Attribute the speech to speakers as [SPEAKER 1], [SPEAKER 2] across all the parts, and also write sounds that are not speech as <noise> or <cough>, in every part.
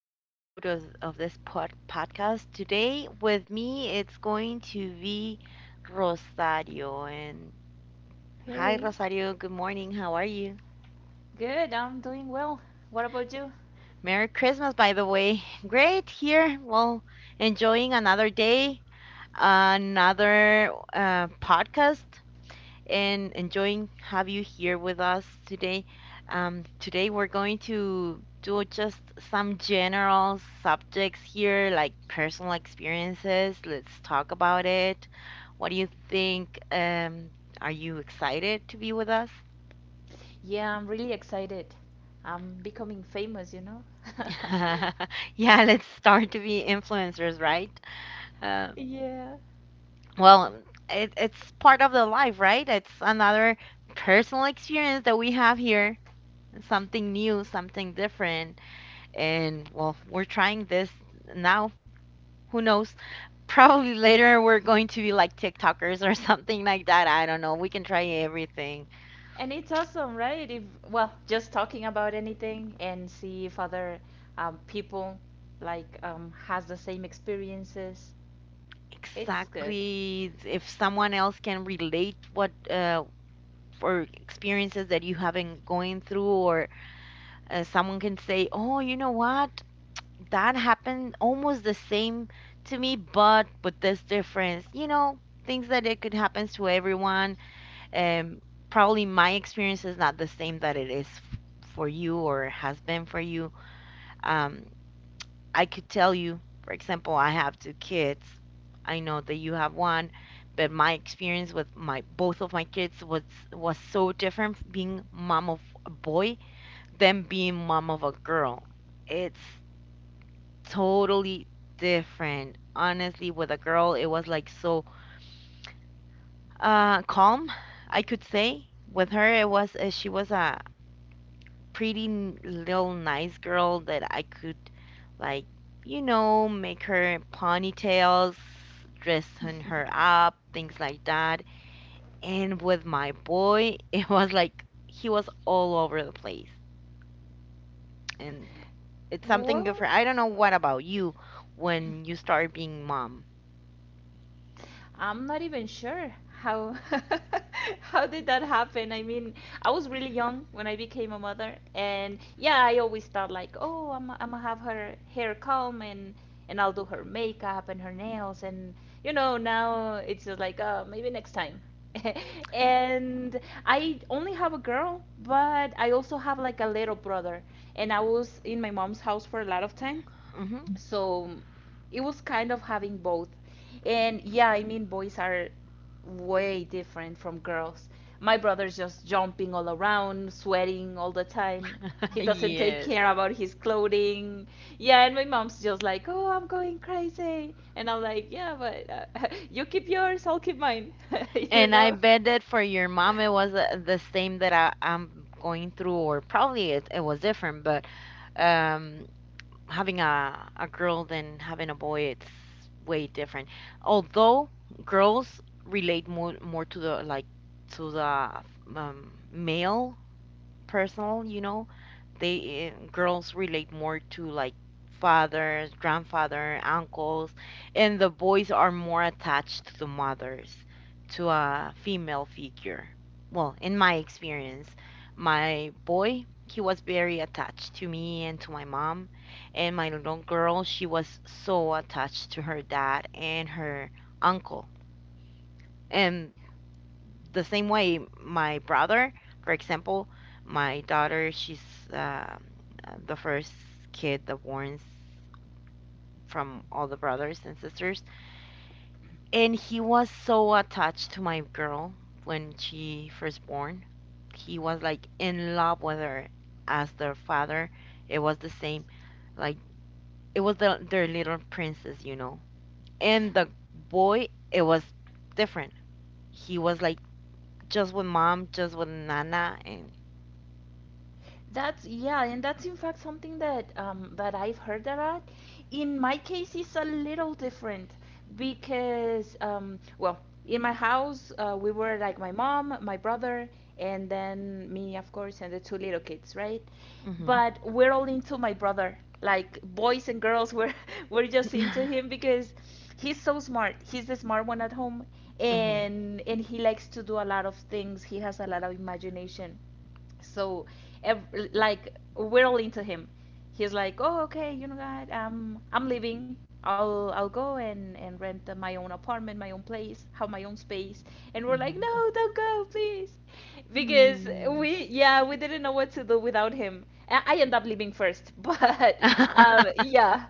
[SPEAKER 1] episode of this podcast. Today, with me, it's going to be Rosario. And hi,
[SPEAKER 2] Hey.
[SPEAKER 1] Rosario. Good morning. How are you?
[SPEAKER 2] Good, I'm doing well. What about you?
[SPEAKER 1] Merry Christmas, by the way. <laughs> Great here. Well, enjoying another day, another podcast, and enjoying have you here with us today. Today we're going to do just some general subjects here, like personal experiences. Let's talk about it. What do you think? Are you excited to be with us?
[SPEAKER 2] Yeah, I'm really excited. I'm becoming famous, you know? <laughs>
[SPEAKER 1] <laughs> Yeah, let's start to be influencers, right? Uh,
[SPEAKER 2] Yeah,
[SPEAKER 1] well, it's part of the life, right? It's another personal experience that we have here, something new, something different. And well, we're trying this now. Who knows? <laughs> Probably later we're going to be like TikTokers or <laughs> something like that. I don't know. We can try everything.
[SPEAKER 2] and it's awesome, right? If, well, just talking about anything and see if other people has the same experiences. It's good.
[SPEAKER 1] Exactly. If someone else can relate what or experiences that you haven't going through, or someone can say, "Oh, you know what? That happened almost the same to me, but with this difference." You know, things that it could happen to everyone, um, probably my experience is not the same that it is for you or has been for you. Um, I could tell you, for example, I have two kids. I know that you have one, but my experience with my both of my kids was so different being mom of a boy than being mom of a girl. It's totally different. Honestly, with a girl, it was like so calm, I could say. With her, it was she was a pretty little nice girl that I could, like, you know, make her ponytails, dressing her up,
[SPEAKER 2] <laughs>
[SPEAKER 1] things like that. And with my boy, <laughs> it was like he was all over the place. And it's something
[SPEAKER 2] Well,
[SPEAKER 1] different. I don't know what about you when you start being mom.
[SPEAKER 2] I'm not even sure how <laughs> how did that happen. I mean, I was really young when I became a mother, and yeah, I always thought like, oh, I'm gonna have her hair comb and I'll do her makeup and her nails, and you know, now it's just like, maybe next time. <laughs> And I only have a girl, but I also have like a little brother, and I was in my mom's house for a lot of time,
[SPEAKER 1] Hmm. <laughs>
[SPEAKER 2] so it was kind of having both. And yeah, I mean, boys are way different from girls. My brother's just jumping all around, sweating all the time. He doesn't take
[SPEAKER 1] Yes.
[SPEAKER 2] care about his clothing. Yeah, and my mom's just like, oh, I'm going crazy. And I'm like, yeah, but <laughs> you keep yours, I'll keep mine. <laughs> You
[SPEAKER 1] And I
[SPEAKER 2] know?
[SPEAKER 1] bet that for your mom it was the same that I'm going through, or probably it was different, but, um having a girl than having a boy, it's way different. Although girls relate more to the, like, to the, male personal, you know, they, girls relate more to like fathers, grandfather, uncles, and the boys are more attached to the mothers, to a female figure. Well, in my experience, my boy, he was very attached to me and to my mom, and my little girl, she was so attached to her dad and her uncle. And the same way my brother, for example, my daughter, she's, um, the first kid that born from all the brothers and sisters, and he was so attached to my girl when she first born. He was like in love with her. As their father, it was the same. Like, it was the, their little princess, you know. And the boy, it was different. He was like just with mom, just with nana. And
[SPEAKER 2] That's yeah, and that's in fact something that that I've heard a lot. In my case, it's a little different because in my house we were like my mom, my brother, and then me, of course, and the two little kids, right?
[SPEAKER 1] mhm.
[SPEAKER 2] But we're all into my brother. Like boys and girls, we're <laughs> we're just into him because he's so smart. He's the smart one at home,
[SPEAKER 1] Mhm,
[SPEAKER 2] and he likes to do a lot of things. He has a lot of imagination, so like we're all into him. He's like, oh okay, you know what, I'm leaving, I'll go and rent my own apartment, my own place, have my own space. And we're like,
[SPEAKER 1] mhm.
[SPEAKER 2] no, don't go, please, because
[SPEAKER 1] Hmm.
[SPEAKER 2] we, yeah, we didn't know what to do without him. I end up leaving first, <laughs> but
[SPEAKER 1] <laughs> <laughs>
[SPEAKER 2] yeah,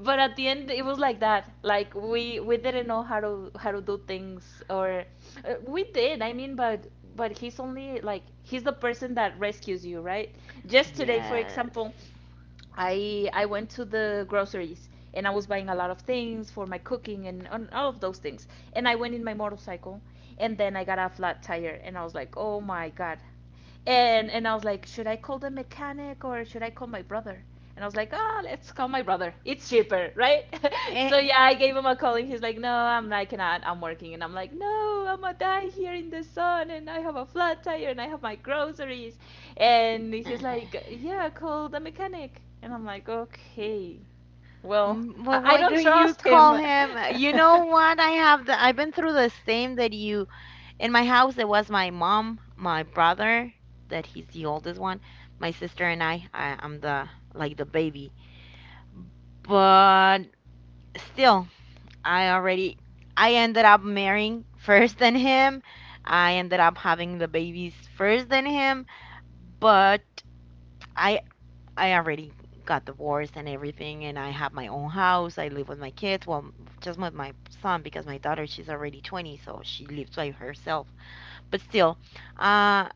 [SPEAKER 2] but at the end it was like that. Like we didn't know how to do things, or we did, I mean, but he's only like, he's the person that rescues you, right? Just today, for
[SPEAKER 1] Yes.
[SPEAKER 2] example, I went to the groceries and I was buying a lot of things for my cooking and all of those things. And I went in my motorcycle, and then I got a flat tire and I was like, "Oh my god." And I was like, "Should I call the mechanic or should I call my brother?" And I was like, "Ah, let's call my brother. It's cheaper, right?" <laughs>
[SPEAKER 1] Eh,
[SPEAKER 2] So yeah, I gave him a call and he's like, "No, I cannot. I'm working." And I'm like, "No, I'm gonna die here in the sun and I have a flat tire and I have my groceries." And
[SPEAKER 1] eh.
[SPEAKER 2] he's like, yeah, call the mechanic. And I'm like, okay. Well,
[SPEAKER 1] Mm.
[SPEAKER 2] I,
[SPEAKER 1] Well,
[SPEAKER 2] I
[SPEAKER 1] why do
[SPEAKER 2] don't
[SPEAKER 1] you
[SPEAKER 2] trust him.
[SPEAKER 1] call him?
[SPEAKER 2] <laughs>
[SPEAKER 1] You know what? I have the I've been through the same that you in my house. It was my mom, my brother, that he's the oldest one, my sister and I. I'm the, like, the baby. But still, I already I ended up marrying first than him. I ended up having the babies first than him, but I I already got divorced and everything and I have my own house. I live with my kids, well, just with my son because my daughter she's already 20, so she lives by herself. But still, uh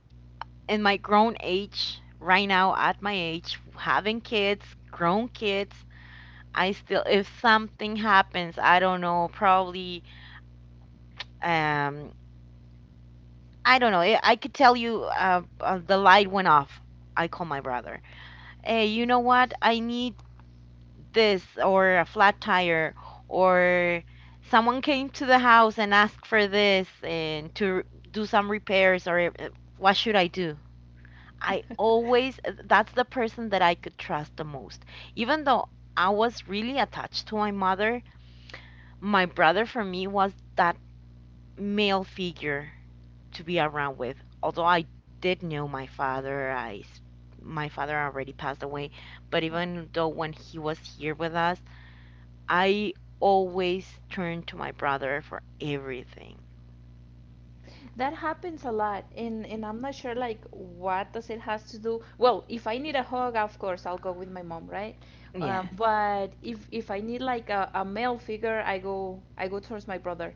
[SPEAKER 1] in my grown age, right now at my age, having kids, grown kids, I still, if something happens, I don't know, probably, Um, I don't know. I could tell you the light went off. I call my brother. Hey, you know what? I need this or a flat tire or someone came to the house and asked for this and to do some repairs or what should I do? I always, that's the person that I could trust the most. Even though I was really attached to my mother, my brother for me was that male figure to be around with. Although I did know my father, my father already passed away, but even though when he was here with us, I always turned to my brother for everything.
[SPEAKER 2] That happens a lot, and I'm not sure like what does it has to do. Well, if I need a hug, of course I'll go with my mom, right?
[SPEAKER 1] Yes.
[SPEAKER 2] But if I need like a male figure, I go towards my brother.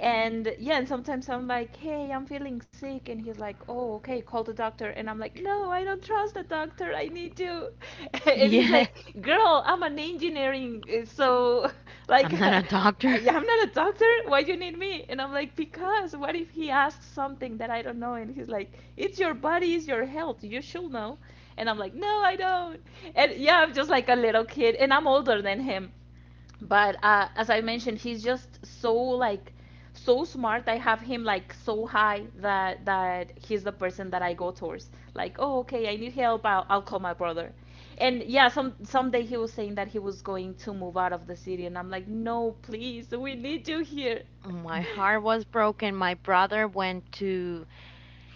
[SPEAKER 2] And yeah, and sometimes I'm like, hey, I'm feeling sick. And he's like, oh, okay, call the doctor. And I'm like, no, I don't trust the doctor. I need you. <laughs> And he's
[SPEAKER 1] Yes.
[SPEAKER 2] like, girl, I'm an engineering. So, <laughs>
[SPEAKER 1] <laughs>
[SPEAKER 2] like,
[SPEAKER 1] I'm not a
[SPEAKER 2] <laughs>
[SPEAKER 1] doctor. <laughs>
[SPEAKER 2] yeah, I'm not a doctor. Why do you need me? And I'm like, because what if he asks something that I don't know? And he's like, it's your body, it's your health. You should know. And I'm like, no, I don't. And yeah, I'm just like a little kid. And I'm older than him, but as I mentioned, he's just so like so smart. I have him like so high that he's the person that I go towards. Like, oh, okay, I need help. I'll call my brother. And yeah, some someday he was saying that he was going to move out of the city, and I'm like, no, please, we need you here. <laughs>
[SPEAKER 1] My heart was broken. My brother went to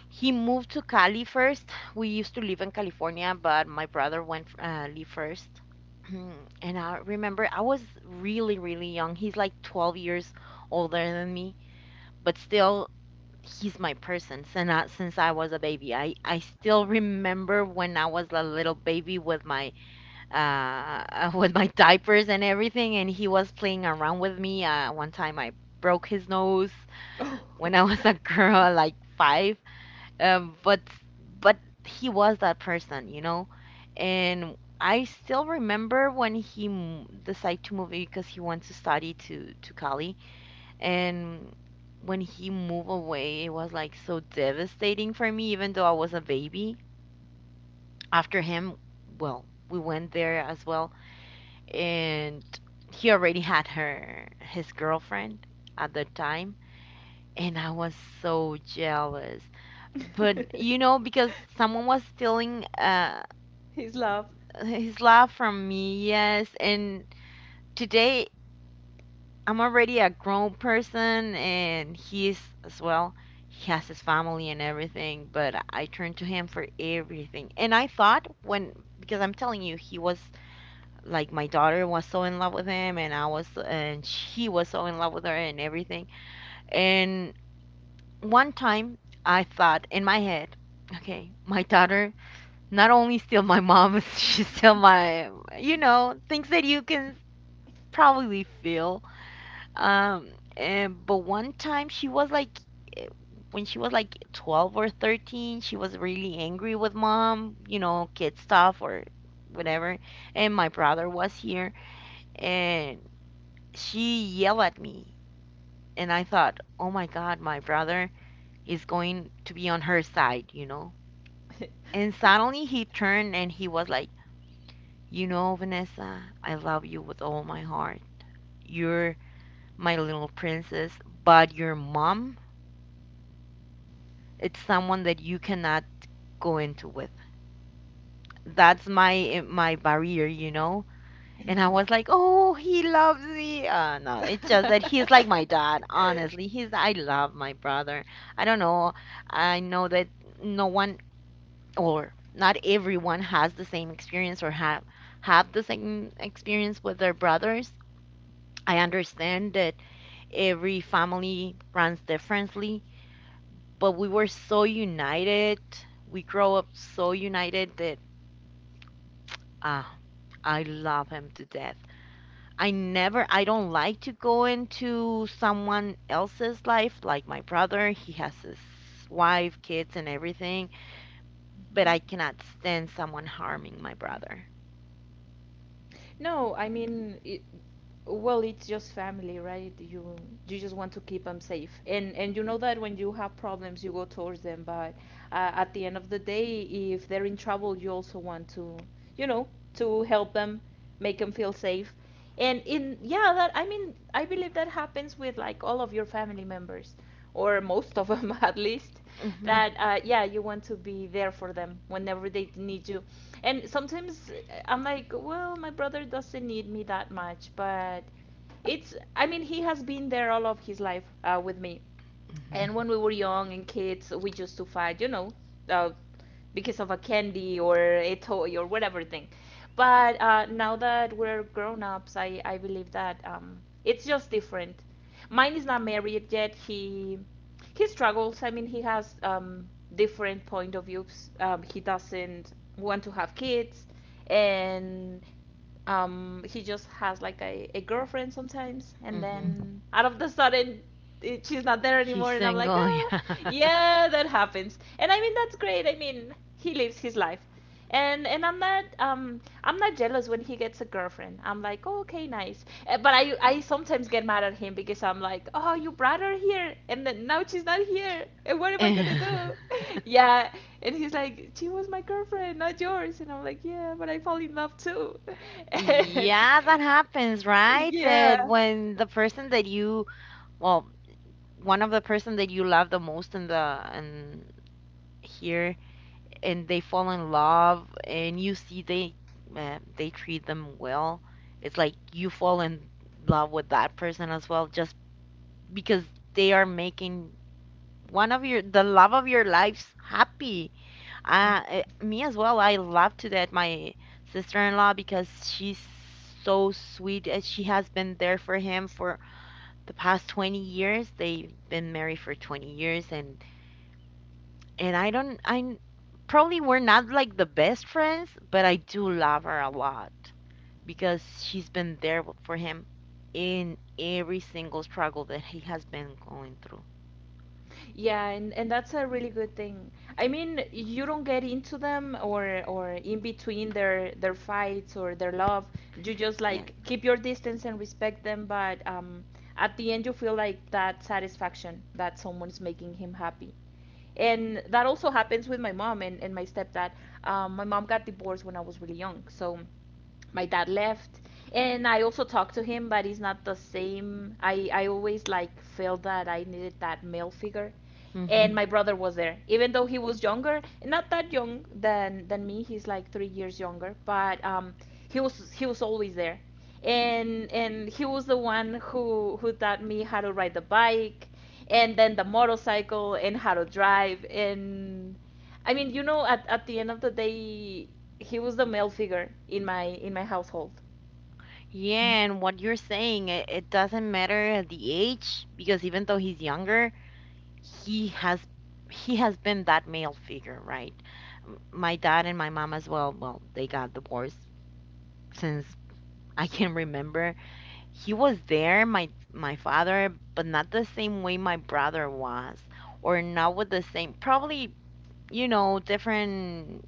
[SPEAKER 1] He moved to Cali first. We used to live in California, but my brother went live first. <clears throat> And I remember I was really, really young. He's like 12 years older than me, but still, he's my person. Since I was a baby, I still remember when I was a little baby with my <laughs> with my diapers and everything, and he was playing around with me. One time I broke his nose
[SPEAKER 2] Oh,
[SPEAKER 1] when I was a <laughs> girl, like five, um, but but he was that person, you know. And I still remember when he m decided to move because he went to study to Cali, and when he moved away, it was like so devastating for me, even though I was a baby. After him, well, we went there as well, and he already had her his girlfriend at the time and I was so jealous. But
[SPEAKER 2] <laughs>
[SPEAKER 1] you know, because someone was stealing
[SPEAKER 2] his love.
[SPEAKER 1] his love from me, yes. And today I'm already a grown person and he is as well. He has his family and everything, but I turned to him for everything. And I thought when, because I'm telling you, he was like my daughter was so in love with him and I was, and she was so in love with her and everything. And one time I thought in my head, okay, my daughter, not only still my mom, <laughs> she's still my, you know, things that you can probably feel. Um, but one time she was like, eh, when she was like 12 or 13, she was really angry with mom, you know, kid stuff or whatever. And my brother was here and she yelled at me. And I thought, oh my God, my brother is going to be on her side, you know? And suddenly he turned and he was like, you know, Vanessa, I love you with all my heart. You're my little princess, but your mom, it's someone that you cannot go into with. That's my barrier, you know? And I was like, "Oh, he loves me." No, it's just that he's like my dad. Honestly, he's I love my brother. I don't know. I know that no one or not everyone has the same experience or have the same experience with their brothers. I understand that every family runs differently, but we were so united. We grow up so united that, ah, I love him to death. I never, I don't like to go into someone else's life, like my brother. He has his wife, kids, and everything, but I
[SPEAKER 2] <laughs> <coughs>
[SPEAKER 1] cannot stand someone harming my brother.
[SPEAKER 2] No, I mean, it's just family, right? You just want to keep them safe, and you know that when you have problems, you go towards them. But at the end of the day, if they're in trouble, you also want to, you know, to help them, make them feel safe, and in yeah, that I mean, I believe that happens with like all of your family members, or most of them <laughs> at least.
[SPEAKER 1] Hmm.
[SPEAKER 2] That Yeah, you want to be there for them whenever they need you. And sometimes I'm like, well, my brother doesn't need me that much, but it's, I mean, he has been there all of his life with me.
[SPEAKER 1] Hmm.
[SPEAKER 2] And when we were young and kids, we used to fight, you know, uh, because of a candy or a toy or whatever thing. But now that we're grown-ups, I believe that it's just different. Mine is not married yet. He struggles. I mean, he has different point of views. He doesn't want to have kids, and he just has like a girlfriend sometimes. And
[SPEAKER 1] Hmm.
[SPEAKER 2] then out of the sudden, she's not there
[SPEAKER 1] He's
[SPEAKER 2] anymore, and I'm like,
[SPEAKER 1] single, <laughs>
[SPEAKER 2] ah,
[SPEAKER 1] yeah.
[SPEAKER 2] yeah, that happens. And I mean, that's great. I mean, he lives his life, and I'm not jealous when he gets a girlfriend. I'm like, oh, okay, nice. But I sometimes get mad at him because I'm like, oh, you brought her here, and then now she's not here, and what am I
[SPEAKER 1] And
[SPEAKER 2] gonna do? <laughs> Yeah, and he's like, she was my girlfriend, not yours, and I'm like, yeah, but I fall in love too, <laughs>
[SPEAKER 1] <laughs>
[SPEAKER 2] and
[SPEAKER 1] yeah, that happens, right? That
[SPEAKER 2] yeah.
[SPEAKER 1] when the person that you, well, one of the person that you love the most in the and here, and they fall in love, and you see they treat them well. It's like you fall in love with that person as well, just because they are making one of your the love of your lives happy.
[SPEAKER 2] Mhm.
[SPEAKER 1] Me as well. I love to that my sister-in-law because she's so sweet. And she has been there for him for the past 20 years. They've been married for 20 years, and I don't probably we're not like the best friends, but I do love her a lot because she's been there for him in every single struggle that he has been going through.
[SPEAKER 2] Yeah, and that's a really good thing. I mean, you don't get into them, or in between their fights or their love. You just like keep your distance and respect them, but at the end you feel like that satisfaction that someone's making him happy. And that also happens with my mom and my stepdad. My mom got divorced when I was really young, so my dad left. And I also talked to him, but it's not the same. I always like felt that I needed that male figure.
[SPEAKER 1] Yes.
[SPEAKER 2] And my brother was there, even though he was younger, not that young than me. He's like 3 years younger, but he was, he was always there. And he was the one who taught me how to ride the bike, and then the motorcycle, and how to drive. And I mean, you know, at the end of the day, he was the male figure in my household.
[SPEAKER 1] Yeah, and what you're saying, it doesn't matter the age because even though he's younger, he has he has been that male figure, right? My dad and my mom as well, well, they got divorced since <laughs> I can remember. He was there, my father, but not the same way my brother was, or not with the same, probably, you know,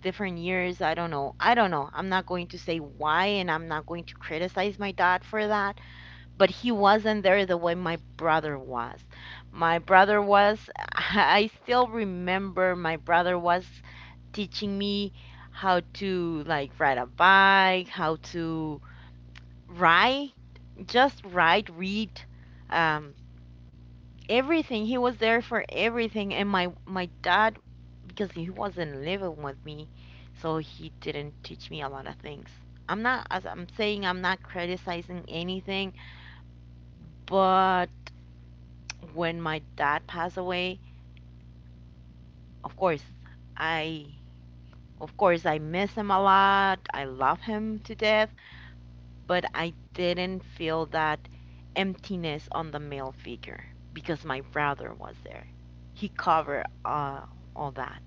[SPEAKER 1] different years. I don't know. I don't know. I'm not going to say why, and I'm not going to criticize my dad for that, but he wasn't there the way my brother was. My brother was, <laughs> I still remember my brother was teaching me how to, like, ride a bike, how to ride, just ride, read, um, everything. He was there for everything. And my dad, because he wasn't living with me, so he didn't teach me a lot of things. I'm not, as I'm saying, I'm not criticizing anything, but when my dad passed away, of course, I of course I miss him a lot. I love him to death, but I didn't feel that emptiness on the male figure because my brother was there. He covered all that.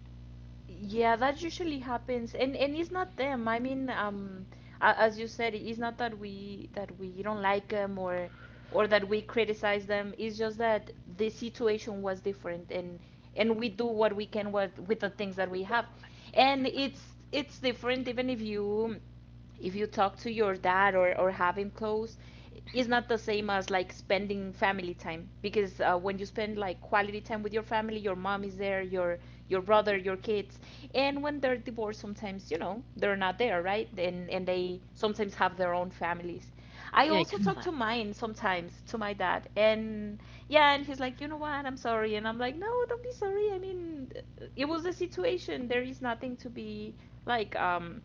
[SPEAKER 2] Yeah, that usually happens, and it's not them. I mean, as you said, it's not that we that we don't like them, or that we criticize them. It's just that the situation was different, and we do what we can with the things that we have, and
[SPEAKER 1] Exactly.
[SPEAKER 2] it's different even if you, if you talk to your dad, or have him close. It's not the same as like spending family time, because when you spend like quality time with your family, your mom is there, your brother, your kids. And when they're divorced, sometimes, you know, they're not there, right? And they sometimes have their own families. I also talk to
[SPEAKER 1] Exactly.
[SPEAKER 2] mine sometimes, to my dad. And yeah, and he's like, you know what, I'm sorry. And I'm like, no, don't be sorry, I mean, it was a situation. There is nothing to be like um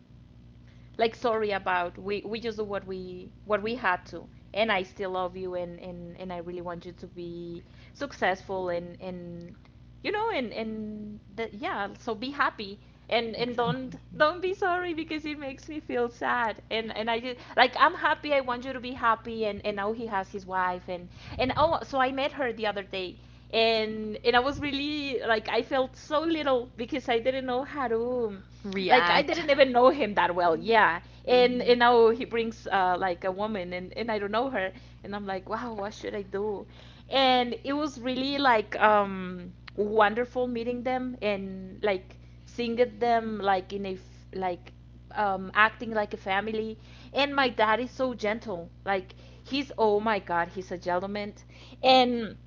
[SPEAKER 2] like sorry about. We just do what we had to. And I still love you, and I really want you to be successful, and you know, and that, yeah, so be happy. And don't
[SPEAKER 1] Exactly.
[SPEAKER 2] don't be sorry, because it makes me feel sad. And I just like, I'm happy, I want you to be happy. And now he has his wife. And oh, so I met her the other day, and I was really like, I felt so little because I didn't know how to. Like I
[SPEAKER 1] React.
[SPEAKER 2] didn't even know him that well. Yeah, and
[SPEAKER 1] Hmm,
[SPEAKER 2] now he brings like a woman, and I don't know her, and I'm like, wow, what should I do? And it was really like wonderful meeting them, and like seeing it them like in a like acting like a family. And my dad is so gentle. Like he's oh my god, he's a gentleman, and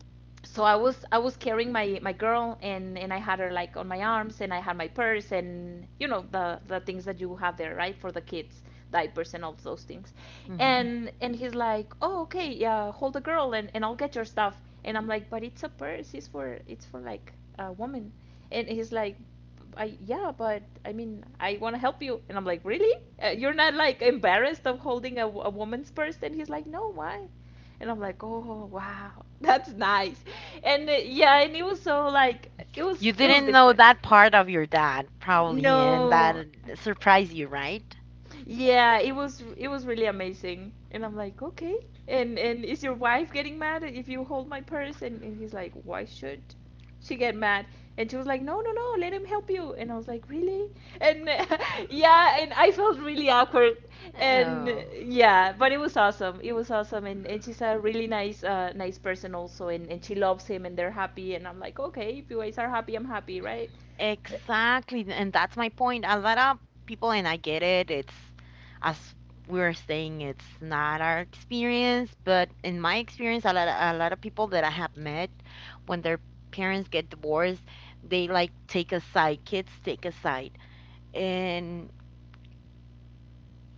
[SPEAKER 2] so I was carrying my girl and I had her like on my arms, and I had my purse, and you know the things that you have there, right, for the kids, diapers and all those things.
[SPEAKER 1] hmm.
[SPEAKER 2] And he's like, oh okay, yeah, hold the girl, and I'll get your stuff. And I'm like, but it's a purse, it's for, it's for like a woman. And he's like, I yeah, but I mean, I want to help you. And I'm like, really, you're not like embarrassed of holding a woman's purse? And he's like, no, why? And I'm like, oh wow, that's nice. And yeah, and it was so like
[SPEAKER 1] You
[SPEAKER 2] it was
[SPEAKER 1] didn't know
[SPEAKER 2] different.
[SPEAKER 1] that part of your dad, probably, and
[SPEAKER 2] No,
[SPEAKER 1] that surprised you, right?
[SPEAKER 2] yeah, it was really amazing. And I'm like, okay. And is your wife getting mad if you hold my purse? And he's like, why should she get mad? And she was like, no, no, no, let him help you. And I was like, really? And <laughs> yeah, and I felt really awkward. And
[SPEAKER 1] Oh.
[SPEAKER 2] yeah, but it was awesome. It was awesome. And she's a really nice nice person also. And she loves him and they're happy. And I'm like, okay, if you guys are happy, I'm happy, right?
[SPEAKER 1] Exactly, and that's my point. A lot of people, and I get it, it's as we were saying, it's not our experience, but in my experience, a lot of people that I have met when their parents get divorced, they like take a side, kids take a side. And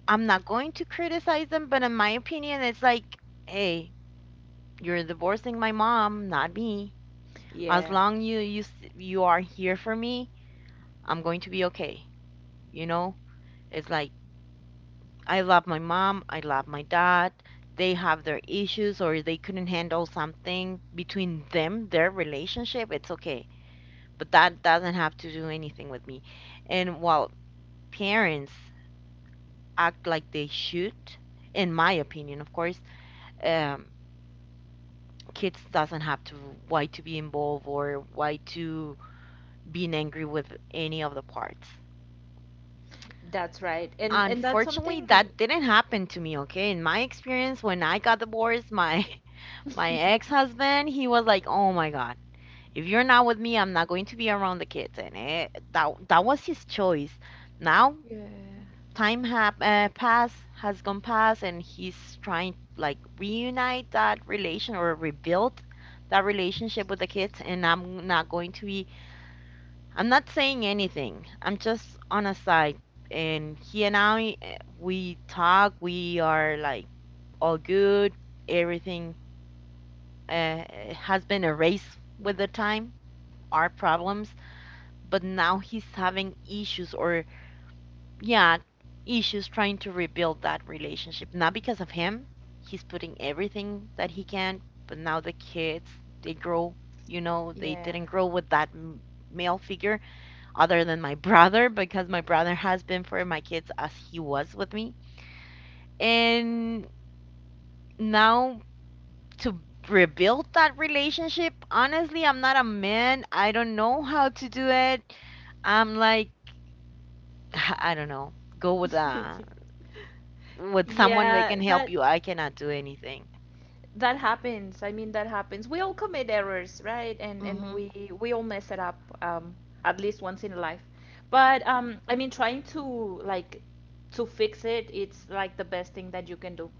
[SPEAKER 1] I'm not going to criticize them, but in my opinion, it's like, hey, you're divorcing my mom, not me. As
[SPEAKER 2] Yeah,
[SPEAKER 1] long you are here for me, I'm going to be okay. You know, it's like, I love my mom, I love my dad. They have their issues, or they couldn't handle something between them, their relationship. It's okay, but that doesn't have to do anything with me. And while parents act like they should, in my opinion, of course, um kids doesn't have to why to be involved or why to being angry with any of the parts.
[SPEAKER 2] that's right. And that's
[SPEAKER 1] Unfortunately,
[SPEAKER 2] something.
[SPEAKER 1] that didn't happen to me, okay? In my experience, when I got divorced, my <laughs> my
[SPEAKER 2] <laughs>
[SPEAKER 1] ex-husband, he was like, "Oh my God, if you're not with me, I'm not going to be around the kids." And it, that was his choice. Now,
[SPEAKER 2] Yeah.
[SPEAKER 1] time have passed, has gone past, and he's trying like reunite that relation or rebuild that relationship with the kids, and I'm not going to be I'm not saying anything. I'm just on a side. And he and I, eh, we talk. We are like all good. Everything uh, has been erased with the time, our problems. But now he's having issues, or yeah, issues trying to rebuild that relationship. Not because of him. He's putting everything that he can. But now the kids, they grow. You know, they
[SPEAKER 2] Yeah.
[SPEAKER 1] didn't grow with that male figure other than my brother because my brother has been for my kids as he was with me. And now to rebuild that relationship, honestly, I'm not a man. I don't know how to do it. I'm like, <sighs> I don't know. Go
[SPEAKER 2] <laughs>
[SPEAKER 1] with someone that
[SPEAKER 2] Yeah,
[SPEAKER 1] can
[SPEAKER 2] that
[SPEAKER 1] help you. I cannot do anything.
[SPEAKER 2] that happens I mean that happens We all commit errors, right? And
[SPEAKER 1] Mhm.
[SPEAKER 2] we all mess it up, at least once in life. But I mean, trying to like to fix it, it's like the best thing that you can do,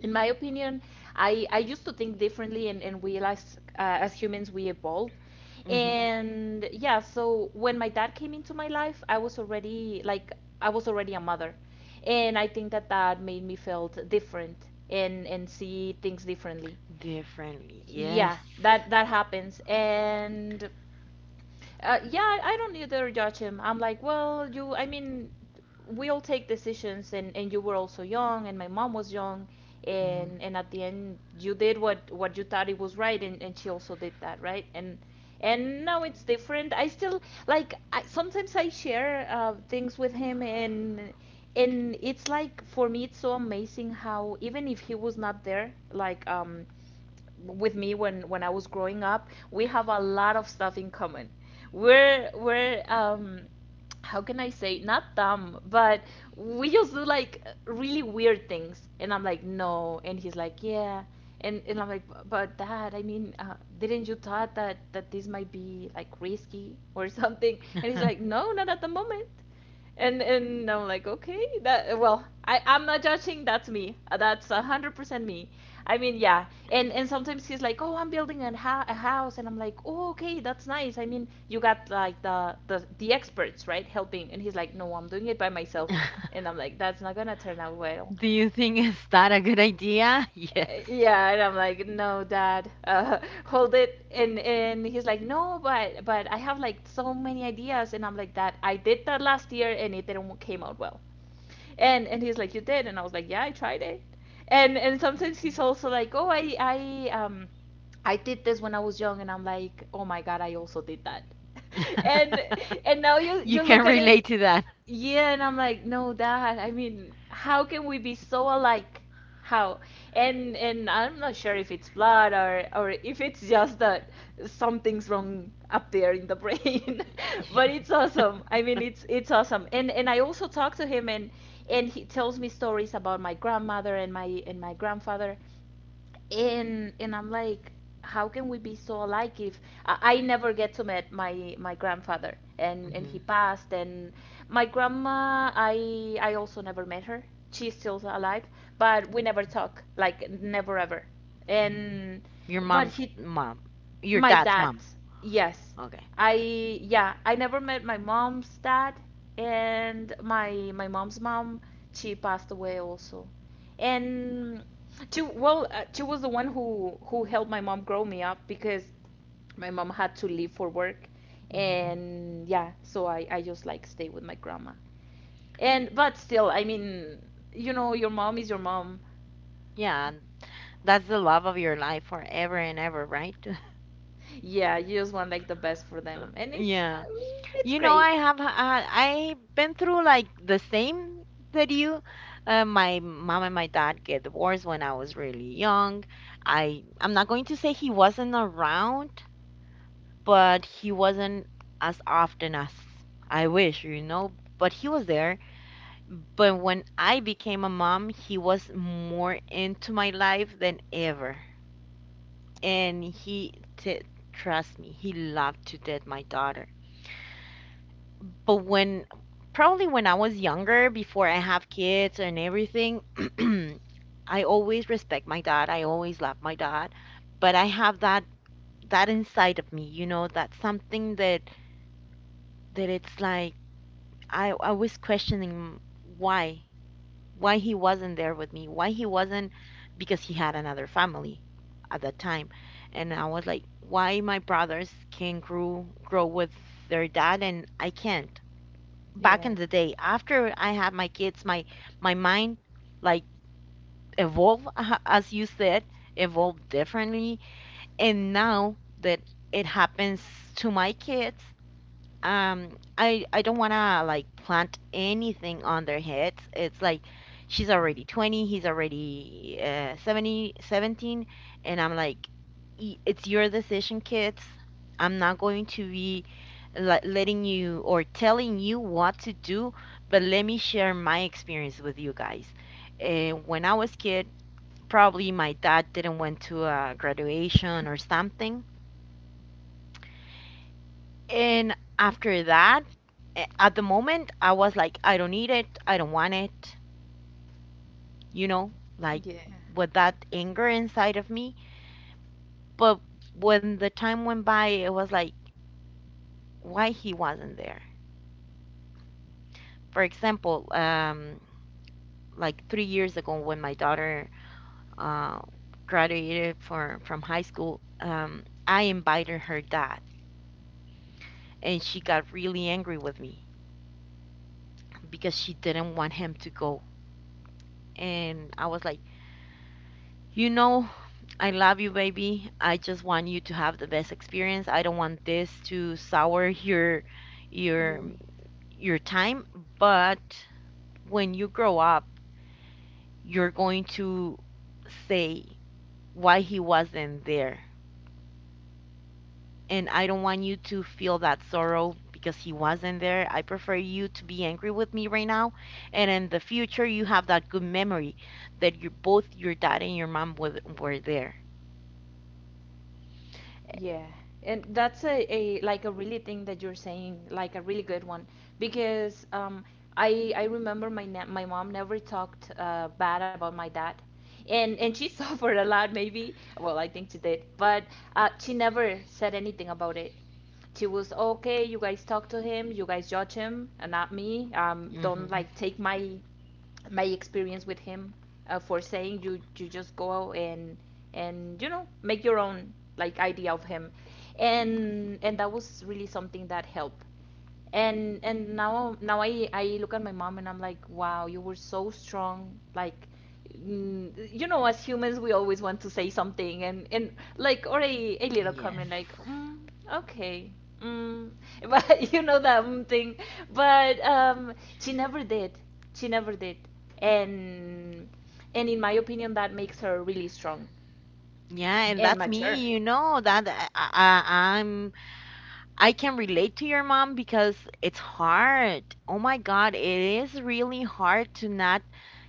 [SPEAKER 2] in my opinion. I used to think differently, and realize as humans we evolve.
[SPEAKER 1] Mhm.
[SPEAKER 2] And yeah, so when my dad came into my life, I was already like I was already a mother, and I think that that made me felt different and see things differently.
[SPEAKER 1] Differently. Yes.
[SPEAKER 2] Yeah, that that happens. And yeah, I don't either judge him. I'm like, well, you, I mean, we all take decisions, and you were also young, and my mom was young,
[SPEAKER 1] Mm.
[SPEAKER 2] and at the end, you did what you thought it was right, and she also did that, right? And now it's different. I still like I, sometimes I share things with him, and it's like for me, it's so amazing how even if he was not there, like with me when I was growing up, we have a lot of stuff in common. We're how can I say, not dumb, but we just do like really weird things. And I'm like, "No." And he's like, "Yeah." And I'm like, "But dad, I mean, didn't you thought that that this might be like risky or <laughs> something?" And he's like,
[SPEAKER 1] <laughs>
[SPEAKER 2] "No, not at the moment." And I'm like, "Okay, that well, I'm not judging. That's me. That's 100% me." I mean, yeah, and sometimes he's like, "Oh, I'm building a, ho- a house," and I'm like, "Oh, okay, that's nice." I mean, you got like the experts, right, helping, and he's like, "No, I'm doing it by myself," and I'm like, "That's not gonna turn out well."
[SPEAKER 1] Do you think is that a good idea? <laughs> Yes.
[SPEAKER 2] Yeah, and I'm like, no dad, <laughs> hold it. And he's like, no, but but I have like so many ideas. And I'm like, Dad, I did that last year and it didn't came out well. And he's like, you did? And I was like, yeah, I tried it. And sometimes he's also like, oh, I I did this when I was young. And I'm like, oh my god, I also did that. <laughs> and
[SPEAKER 1] <laughs>
[SPEAKER 2] and now you
[SPEAKER 1] You
[SPEAKER 2] you look
[SPEAKER 1] can
[SPEAKER 2] at it.
[SPEAKER 1] relate to that.
[SPEAKER 2] Yeah, and I'm like, no, Dad. I mean, how can we be so alike? How and I'm not sure if it's blood, or if it's just that something's wrong up there in the brain. <laughs> But
[SPEAKER 1] <laughs>
[SPEAKER 2] it's awesome, I mean, it's awesome. And I also talk to him, and he tells me stories about my grandmother and my grandfather. And I'm like, how can we be so alike if I never get to meet my grandfather and he
[SPEAKER 1] Mhm.
[SPEAKER 2] passed. And my grandma, I also never met her. She's still alive, but we never talk, like never ever.
[SPEAKER 1] Mhm.
[SPEAKER 2] And
[SPEAKER 1] Your
[SPEAKER 2] but
[SPEAKER 1] mom's
[SPEAKER 2] he
[SPEAKER 1] mom. Your
[SPEAKER 2] my
[SPEAKER 1] dad's
[SPEAKER 2] dad,
[SPEAKER 1] mom.
[SPEAKER 2] yes.
[SPEAKER 1] Okay.
[SPEAKER 2] I yeah, I never met my mom's dad, and my mom's mom, she passed away also. And she well, she was the one who helped my mom grow me up, because my mom had to leave for work.
[SPEAKER 1] Hmm.
[SPEAKER 2] And yeah, so I just like stay with my grandma. And but still, I mean, you know, your mom is your mom.
[SPEAKER 1] Yeah, and that's the love of your life forever and ever, right?
[SPEAKER 2] Yeah, you just want like the best for them.
[SPEAKER 1] <laughs>
[SPEAKER 2] And
[SPEAKER 1] Yeah.
[SPEAKER 2] it's
[SPEAKER 1] You know, I
[SPEAKER 2] great.
[SPEAKER 1] have I've been through like the same that you. My mom and my dad get divorced when I was really young. I'm not going to say he wasn't around, but he wasn't as often as I wish, you know, but he was there. But when I became a mom, he was more into my life than ever. And he, trust me, he loved to death my daughter. But when, probably when I was younger, before I have kids and everything, <clears throat> I always respect my dad. I always love my dad. But I have that that inside of me, you know, that's something that that it's like I was questioning why why he wasn't there, with me, why he wasn't, because he had another family at that time. And I was like, why my brothers can grow with their dad and I can't. Back in
[SPEAKER 2] Yeah.
[SPEAKER 1] the day, after I had my kids, my mind like evolved, as you said, evolved differently. And now that it happens to my kids, I don't want to like plant anything on their heads. It's like, she's already 20, he's already 70, 17, and I'm like, "It's your decision, kids. I'm not going to be letting you or telling you what to do, but let me share my experience with you guys. And when I was kid, probably my dad didn't went to a graduation or something, and after that, at the moment, I was like, I don't need it. I don't want it. You know, like
[SPEAKER 2] Yeah.
[SPEAKER 1] with that anger inside of me. But when the time went by, it was like, why he wasn't there? For example, like 3 years ago, when my daughter uh, graduated for, from high school, I invited her dad, and she got really angry with me because she didn't want him to go. And I was like, you know, I love you, baby. I just want you to have the best experience. I don't want this to sour your your time, but when you grow up, you're going to say why he wasn't there. And I don't want you to feel that sorrow because he wasn't there. I prefer you to be angry with me right now. And in the future, you have that good memory that you both your dad and your mom were there.
[SPEAKER 2] Yeah. And that's a like a really thing that you're saying, like a really good one, because I remember my na my mom never talked bad about my dad. And she <laughs> suffered a lot maybe. Well, I think she did, but she never said anything about it. She was okay, you guys talk to him, you guys judge him, and not me. Don't
[SPEAKER 1] Hmm.
[SPEAKER 2] like take my my experience with him for saying, you just go and you know make your own like idea of him. And that was really something that helped. And now now I look at my mom and I'm like, wow, you were so strong, like mm, you know, as humans we always want to say something, and like, or a little
[SPEAKER 1] Yes.
[SPEAKER 2] comment like mm, okay mm, <laughs> but you know that mm thing. But she never did, she never did. and and in my opinion that makes her really strong
[SPEAKER 1] Yeah, and
[SPEAKER 2] and
[SPEAKER 1] that's
[SPEAKER 2] mature.
[SPEAKER 1] me, you know, that I'm I can relate to your mom because it's hard. Oh my God, it is really hard to not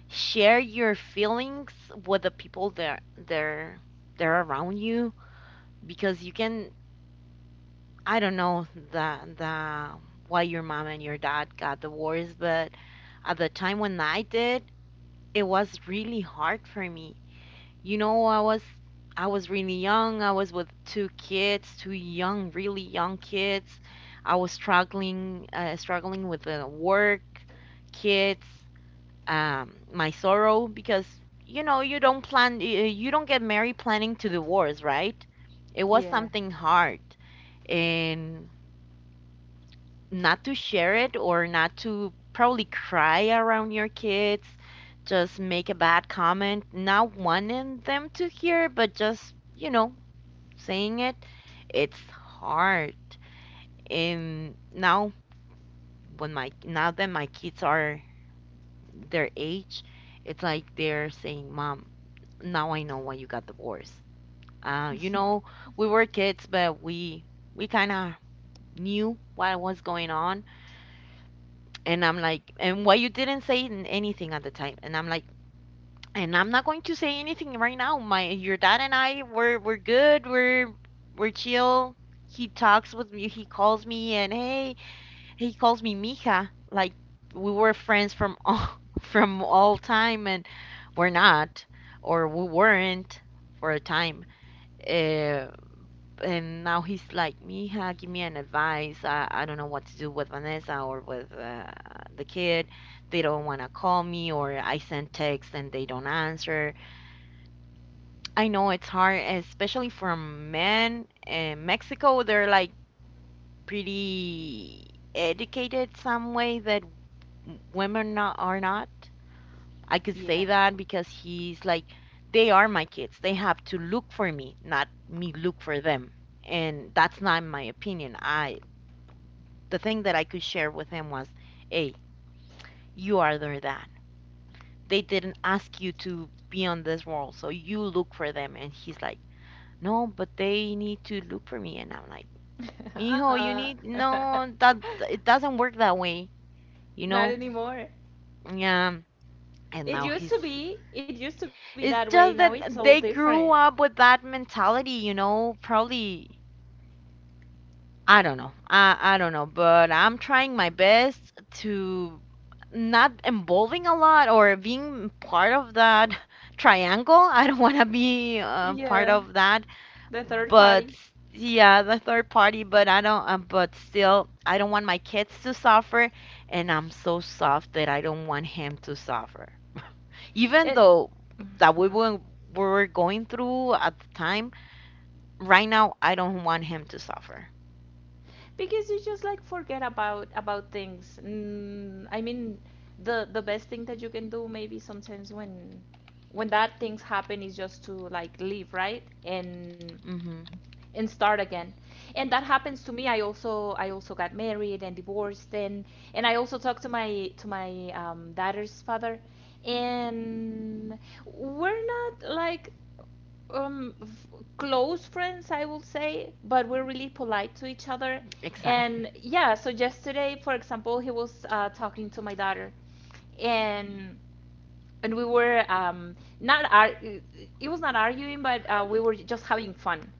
[SPEAKER 1] share your feelings with the people that they're around you because you can I don't know the why your mom and your dad got divorced, but at the time when I did, it was really hard for me. You know, I was really young. I was with two kids, two young, really young kids. I was struggling, struggling with the work, kids, my sorrow because you know you don't plan, you don't get married planning to divorce, right? It was
[SPEAKER 2] Yeah.
[SPEAKER 1] something hard, and not to share it or not to probably cry around your kids, just make a bad comment, not wanting them to hear, but just, you know, saying it, it's hard. And now when my now that my kids are their age, it's like they're saying, "Mom, now I know why you got divorced." You know,
[SPEAKER 2] <laughs>
[SPEAKER 1] we were kids, but we kind of knew what was going on. And I'm like, and why you didn't say anything at the time? And I'm like, and I'm not going to say anything right now. My your dad and I we're good. We're chill. He talks with me. He calls me and hey, he calls me mija. Like we were friends from all <laughs> from all time and we're not or we weren't for a time. Uh, and now he's like, mija, give me an advice. I don't know what to do with Vanessa or with the kid. They don't want to call me, or I send texts and they don't answer. I know it's hard, especially for men. In Mexico, they're like pretty educated some way that women not, are not. I could
[SPEAKER 2] Yeah.
[SPEAKER 1] say that because he's like, they are my kids. They have to look for me, not me look for them, and that's not my opinion. I the thing that I could share with him was, hey, you are their dad. They didn't ask you to be on this world, so you look for them. And he's like, no, but they need to look for me. And I'm like,
[SPEAKER 2] <laughs>
[SPEAKER 1] mijo, you
[SPEAKER 2] Uh-uh.
[SPEAKER 1] need, no,
[SPEAKER 2] <laughs>
[SPEAKER 1] that, it doesn't work that way, you
[SPEAKER 2] Not
[SPEAKER 1] know?
[SPEAKER 2] anymore.
[SPEAKER 1] Yeah. And
[SPEAKER 2] It
[SPEAKER 1] now
[SPEAKER 2] used
[SPEAKER 1] he's,
[SPEAKER 2] to be. It used to be that way.
[SPEAKER 1] it's
[SPEAKER 2] Now
[SPEAKER 1] just
[SPEAKER 2] it's all
[SPEAKER 1] that they
[SPEAKER 2] different.
[SPEAKER 1] grew up with that mentality, you know, probably I don't know. I don't know, but I'm trying my best to not involving a lot or being part of that <laughs> triangle. I don't want to be part
[SPEAKER 2] Yeah.
[SPEAKER 1] of that,
[SPEAKER 2] The third
[SPEAKER 1] but
[SPEAKER 2] party.
[SPEAKER 1] yeah, the third party. But I don't. But still, I don't want my kids to suffer, and I'm so soft that I don't want him to suffer. Even
[SPEAKER 2] It.
[SPEAKER 1] though that
[SPEAKER 2] Mhm.
[SPEAKER 1] we were going through at the time, right now I don't want him to suffer.
[SPEAKER 2] Because you just like forget about things. Mm, I mean, the best thing that you can do maybe sometimes when that things happen is just to like leave, right?
[SPEAKER 1] Hmm.
[SPEAKER 2] And start again. And that happens to me. I also got married and divorced. And I also talked to my daughter's father. And we're not like f- close friends, I will say, but we're really polite to each other.
[SPEAKER 1] Exactly.
[SPEAKER 2] And yeah, so yesterday for example he was talking to my daughter. And and we were not ar- it was not arguing, but we were just having fun.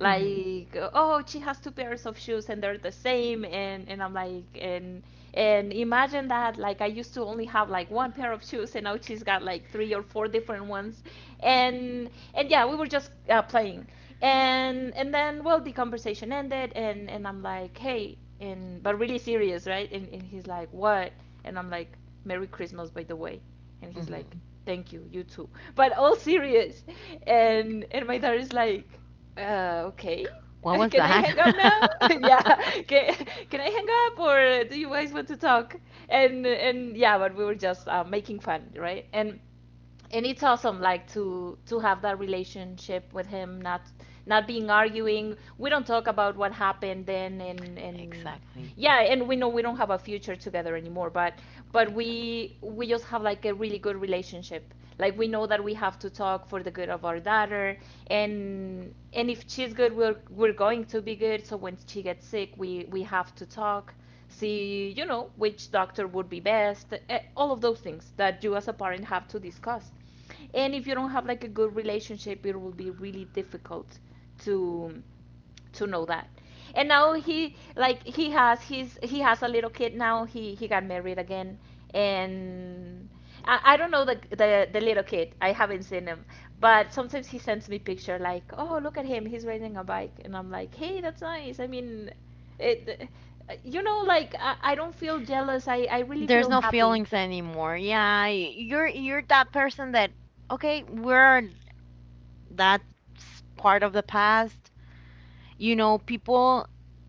[SPEAKER 1] Mhm,
[SPEAKER 2] oh, she has two pairs of shoes and they're the same, and I'm like, and imagine that, like, I used to only have like one pair of shoes, and now she's got like three or four different ones. And yeah, we were just playing. And then well, the conversation ended, and I'm like, hey, and but really serious, right? And he's like, what? And I'm like, Merry Christmas, by the way. And he's
[SPEAKER 1] mhm.
[SPEAKER 2] like, thank you, you too. But all serious. And my dad is like, okay,
[SPEAKER 1] What
[SPEAKER 2] <laughs>
[SPEAKER 1] was
[SPEAKER 2] can I
[SPEAKER 1] that?
[SPEAKER 2] hang up now? <laughs> Yeah,
[SPEAKER 1] <laughs>
[SPEAKER 2] can, can I hang up, or do you guys want to talk? And yeah, but we were just making fun, right? And it's awesome, like, to have that relationship with him, not not being arguing. We don't talk about what happened then. And
[SPEAKER 1] Exactly,
[SPEAKER 2] yeah, and we know we don't have a future together anymore, but
[SPEAKER 1] exactly.
[SPEAKER 2] we just have like a really good relationship, like we know that we have to talk for the good of our daughter. And if she's good, we're going to be good. So when she gets sick, we have to talk, see you know which doctor would be best, all of those things that you as a parent have to discuss. And if you don't have like a good relationship, it will be really difficult to to know that. And now he like he has his he has a little kid now, he got married again. And I don't know the little kid, I haven't seen him, but sometimes he sends me picture, like, oh, look at him, he's riding a bike. And I'm like, hey, that's nice, I mean, it, you know, like I don't feel jealous, I really
[SPEAKER 1] There's
[SPEAKER 2] feel
[SPEAKER 1] no
[SPEAKER 2] happy.
[SPEAKER 1] feelings anymore. Yeah, you're that person that okay, we're that's part of the past. You know, people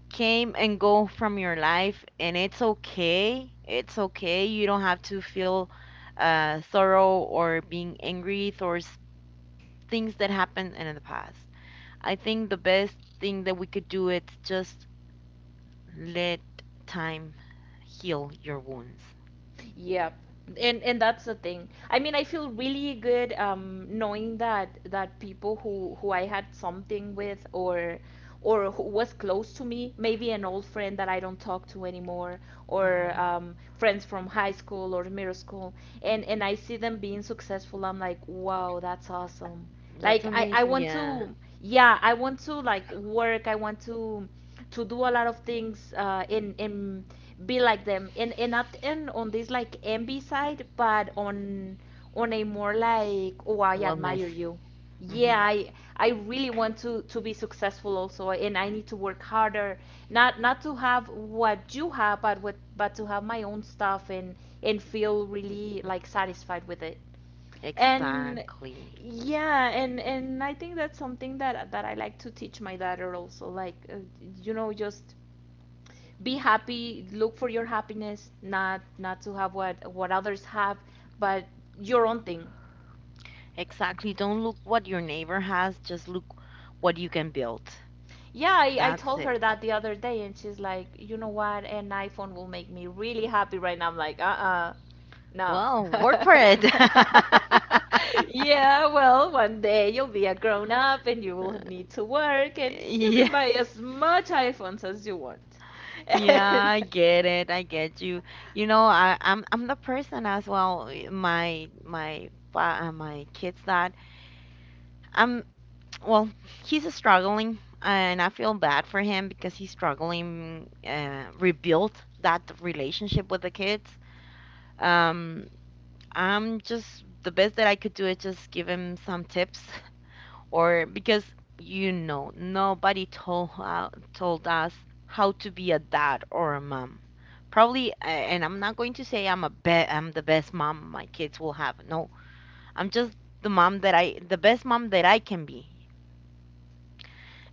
[SPEAKER 1] came and go from your life, and it's okay. It's okay. You don't have to feel sorrow or being angry towards things that happened in the past. I think the best thing that we could do is just let time heal your wounds.
[SPEAKER 2] Yep. And that's the thing. I mean, I feel really good knowing that people who I had something with or who was close to me, maybe an old friend that I don't talk to anymore or
[SPEAKER 1] Hmm.
[SPEAKER 2] friends from high school or middle school and I see them being successful. I'm like, "Wow, that's awesome."
[SPEAKER 1] That's
[SPEAKER 2] Like I
[SPEAKER 1] amazing.
[SPEAKER 2] want
[SPEAKER 1] Yeah.
[SPEAKER 2] to yeah, I want to like work, I want to do a lot of things, and be like them, and not in on this like envy side, but on a more like, oh, I
[SPEAKER 1] Wellness.
[SPEAKER 2] admire you. yeah
[SPEAKER 1] Hmm.
[SPEAKER 2] I I really want to be successful also, and I need to work harder, not to have what you have, but to have my own stuff, and feel really like satisfied with it. And
[SPEAKER 1] Exactly.
[SPEAKER 2] yeah, and I think that's something that I like to teach my daughter also, like, just be happy, look for your happiness, not to have what others have, but your own thing.
[SPEAKER 1] Exactly. Don't look what your neighbor has, just look what you can build.
[SPEAKER 2] Yeah, I
[SPEAKER 1] That's
[SPEAKER 2] told
[SPEAKER 1] it.
[SPEAKER 2] her that the other day, and she's like, you know what? An iPhone will make me really happy right now. I'm like, uh-uh, no.
[SPEAKER 1] Well, work for it.
[SPEAKER 2] <laughs>
[SPEAKER 1] <laughs>
[SPEAKER 2] Yeah, well, one day you'll be a grown up and you will need to work, and you can
[SPEAKER 1] Yes.
[SPEAKER 2] buy as much iPhones as you want. <laughs>
[SPEAKER 1] Yeah,
[SPEAKER 2] And
[SPEAKER 1] I get it. I get you. You know, I'm the person as well. My my kids' dad. I'm, well, he's struggling, and I feel bad for him because he's struggling rebuild that relationship with the kids. Um, I'm just, the best that I could do is just give him some tips, <laughs> or because you know nobody told told us how to be a dad or a mom. Probably, and I'm not going to say I'm a be I'm the best mom my kids will have. No, I'm just the mom that I the best mom that I can be.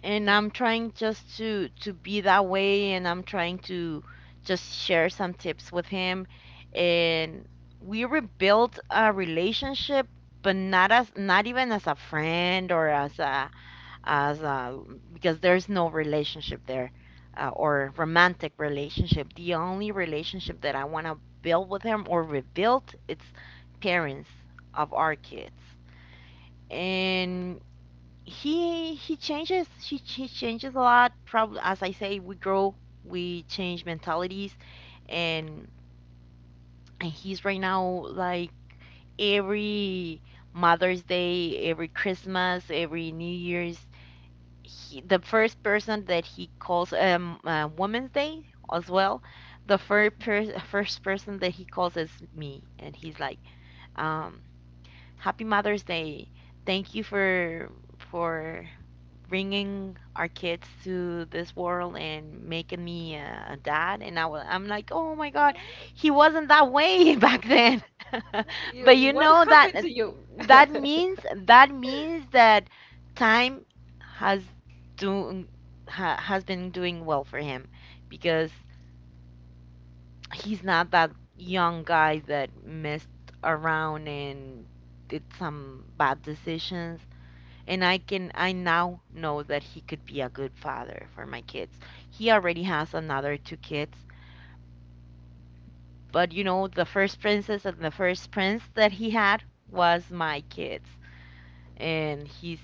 [SPEAKER 1] And
[SPEAKER 2] yeah.
[SPEAKER 1] I'm trying just to be that way, and I'm trying to just share some tips with him, and we rebuilt a relationship, but not as, not even as a friend or as a, as a, because there's no relationship there, or romantic relationship. The only relationship that I want to build with him or rebuild, it's parents of our kids. And he changes, she changes a lot. Probably, as I say, we grow, we change mentalities. and and he's right now, like, every Mother's Day, every Christmas, every New Year's, the first person that he calls, Women's Day as well, the first person that he calls is me, and he's like, um happy Mother's Day, thank you for bringing our kids to this world and making me a dad. And I'm like, oh my God, he wasn't that way <laughs> back then. <laughs>
[SPEAKER 2] You,
[SPEAKER 1] But you
[SPEAKER 2] what
[SPEAKER 1] know that
[SPEAKER 2] happened to you?
[SPEAKER 1] that means, that means
[SPEAKER 2] <laughs>
[SPEAKER 1] that time has do has been doing well for him, because he's not that young guy that messed around and did some bad decisions. And I now know that he could be a good father for my kids. He already has another two kids, but you know the first princess and the first prince that he had was my kids, and he's,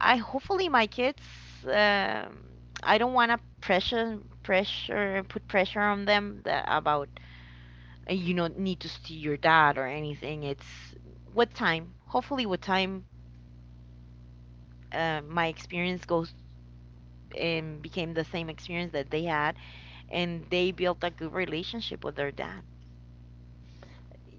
[SPEAKER 1] I, hopefully my kids, um, I don't want to pressure pressure put pressure on them that about, you know, need to see your dad or anything. It's with time. Hopefully with time, my experience goes and became the same experience that they had, and they built a good relationship with their dad.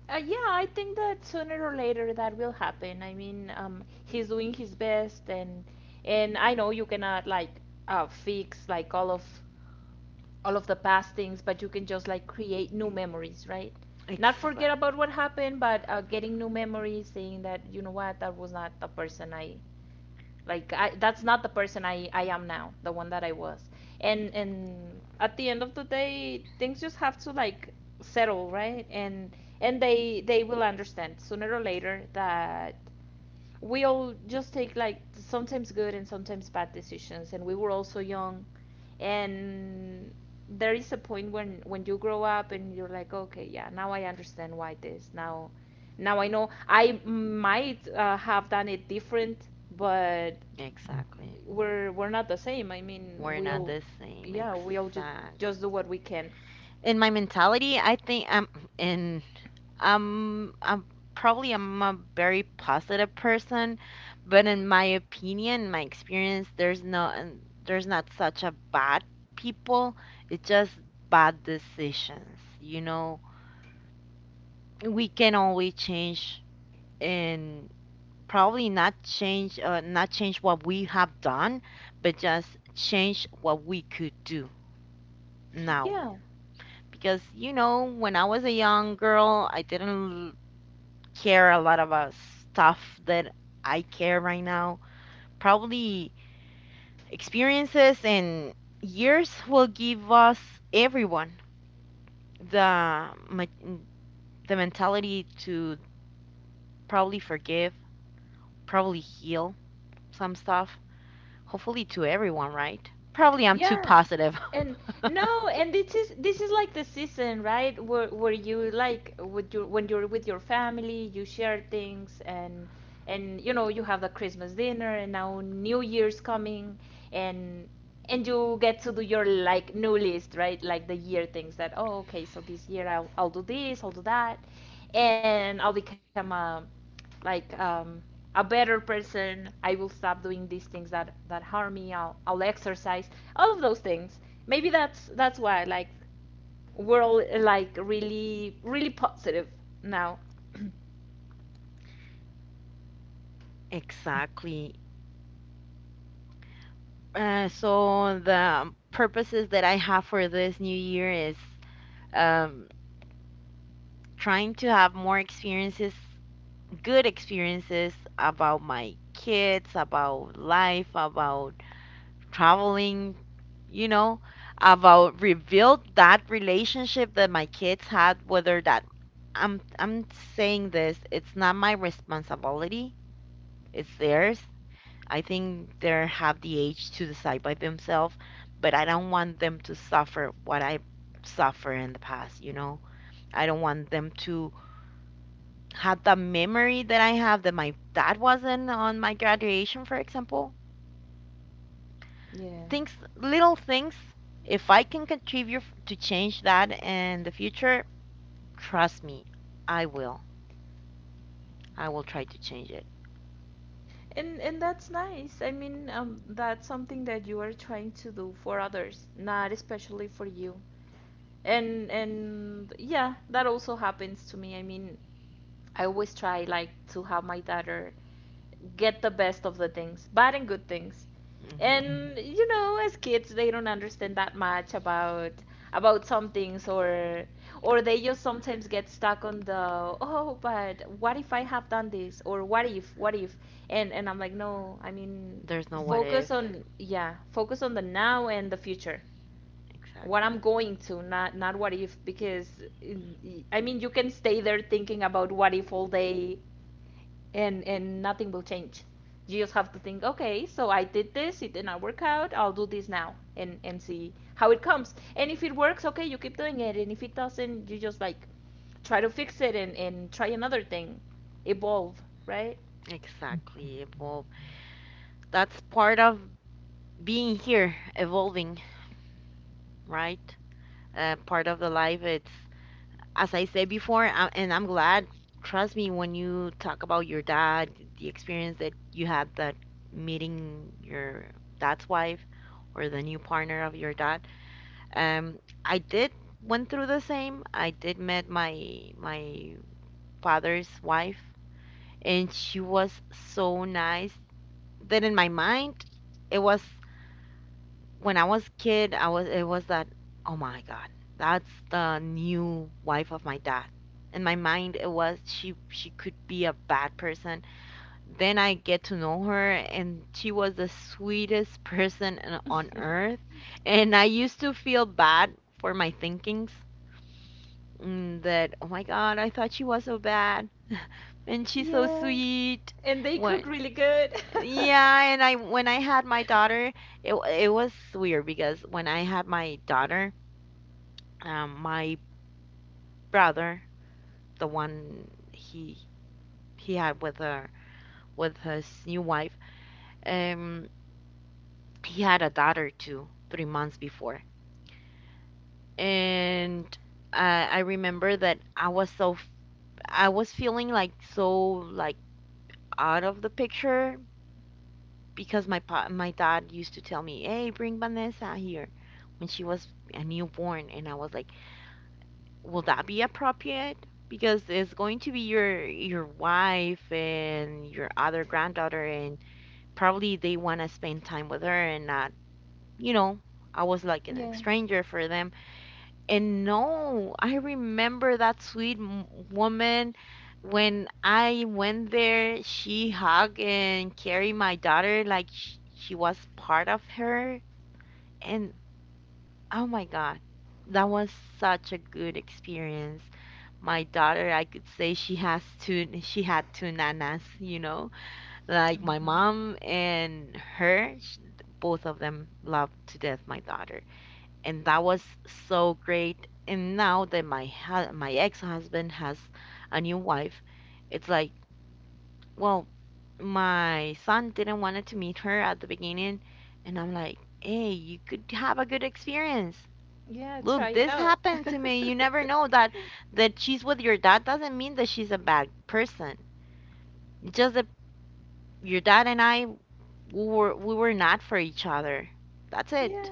[SPEAKER 2] Yeah, I think that sooner or later that will happen. I mean, he's doing his best, and I know you cannot like fix like all of the past things, but you can just like create new memories, right? Not forget
[SPEAKER 1] Exactly.
[SPEAKER 2] about what happened, but getting new memories, saying that, you know what, that was not the person I like that's not the person I am now, the one that I was. And at the end of the day, things just have to like settle, right? And they will understand sooner or later that we all just take like sometimes good and sometimes bad decisions, and we were also young. And there is a point when you grow up and you're like, okay, yeah, now I understand why this. Now I know I might, have done it different, but
[SPEAKER 1] Exactly.
[SPEAKER 2] we're not the same. I mean,
[SPEAKER 1] We're
[SPEAKER 2] we
[SPEAKER 1] not
[SPEAKER 2] all,
[SPEAKER 1] the same.
[SPEAKER 2] yeah, we all
[SPEAKER 1] Exactly.
[SPEAKER 2] just do what we can.
[SPEAKER 1] In my mentality, I think I'm, in, I'm probably, I'm a very positive person, but in my opinion, my experience, there's no, there's not such a bad people. It's just bad decisions. You know, we can always change, and probably not change, not change what we have done, but just change what we could do now,
[SPEAKER 2] Yeah,
[SPEAKER 1] because you know when I was a young girl I didn't care a lot about stuff that I care right now. Probably experiences and years will give us, everyone, the ma- the mentality to probably forgive, probably heal some stuff, hopefully to everyone, right? Probably I'm too
[SPEAKER 2] yeah,
[SPEAKER 1] positive. <laughs>
[SPEAKER 2] and no, and this is like the season, right? Where you like with your when you're with your family, you share things, and you know, you have the Christmas dinner and now New Year's coming, and and you get to do your like new list, right? Like the year things that, oh, okay, so this year I'll do this, I'll do that, and I'll become a like, a better person. I will stop doing these things that harm me. I'll exercise, all of those things. Maybe that's why like we're all, like really really positive now. <coughs>
[SPEAKER 1] Exactly. So the purposes that I have for this new year is, um, trying to have more experiences, good experiences, about my kids, about life, about traveling, you know, about rebuild that relationship that my kids had. Whether that, I'm saying this, it's not my responsibility, it's theirs. I think they have the age to decide by themselves, but I don't want them to suffer what I suffer in the past, you know? I don't want them to have the memory that I have, that my dad wasn't on my graduation, for example.
[SPEAKER 2] <clears throat> Yeah,
[SPEAKER 1] Things, little things, if I can contribute to change that in the future, trust me, I will. I will try to change it.
[SPEAKER 2] and that's nice. I mean, that's something that you are trying to do for others, not especially for you. And yeah, that also happens to me. I mean, I always try like to have my daughter get the best of the things, bad and good things.
[SPEAKER 1] Hmm.
[SPEAKER 2] And you know, as kids, they don't understand that much about some things, or they just sometimes get stuck on the, oh, but what if I have done this, or what if, what if? And I'm like, no, I mean,
[SPEAKER 1] There's no what if.
[SPEAKER 2] focus on, yeah, focus on the now and the future, what
[SPEAKER 1] Exactly.
[SPEAKER 2] I'm going to, not what if, because I mean, you can stay there thinking about what if all day, and nothing will change. You just have to think, okay, so I did this, it did not work out. I'll do this now, and see how it comes. And if it works, okay, you keep doing it. And if it doesn't, you just like try to fix it, and try another thing, evolve, right?
[SPEAKER 1] Exactly. Evolve. That's part of being here, evolving, right? Part of the life. It's, as I said before, I, and I'm glad, trust me, when you talk about your dad, the experience that you had, that meeting your dad's wife or the new partner of your dad. Um, I did went through the same. I did met my father's wife, and she was so nice that in my mind it was, when I was kid, I was, it was that, oh my God, that's the new wife of my dad. In my mind, it was, she could be a bad person. Then I get to know her, and she was the sweetest <laughs> person on earth.
[SPEAKER 2] <laughs>
[SPEAKER 1] And I used to feel bad for my thinkings, that oh my God, I thought she was so bad, and she's so
[SPEAKER 2] Yeah.
[SPEAKER 1] sweet.
[SPEAKER 2] And they
[SPEAKER 1] What,
[SPEAKER 2] cook really good. <laughs>
[SPEAKER 1] yeah, and I, when I had my daughter, it was weird because when I had my daughter, my brother, the one he had with her, with his new wife, um, he had a daughter too, 3 months before, and I remember that I was I was feeling like so, like out of the picture, because my dad used to tell me, "Hey, bring Vanessa here," when she was a newborn, and I was like, will that be appropriate? Because it's going to be your wife and your other granddaughter, and probably they want to spend time with her and not, you know, I was like an
[SPEAKER 2] Yeah.
[SPEAKER 1] stranger for them. And no, I remember that woman, when I went there, she hugged and carried my daughter like she was part of her. And, oh my God, that was such a good experience. My daughter, I could say she she had two nanas, you know, like my
[SPEAKER 2] Mhm.
[SPEAKER 1] mom and her, sh, both of them loved to death my daughter. And that was so great. And now that my ex-husband has a new wife, it's like, well, my son didn't wanted to meet her at the beginning, and I'm like, hey, you could have a good experience.
[SPEAKER 2] Yeah, try
[SPEAKER 1] Look,
[SPEAKER 2] it
[SPEAKER 1] this
[SPEAKER 2] out.
[SPEAKER 1] happened
[SPEAKER 2] <laughs>
[SPEAKER 1] to me. You never know that, that she's with your dad doesn't mean that she's a bad person. It's just that your dad and I, we were not for each other. That's
[SPEAKER 2] Yeah.
[SPEAKER 1] it.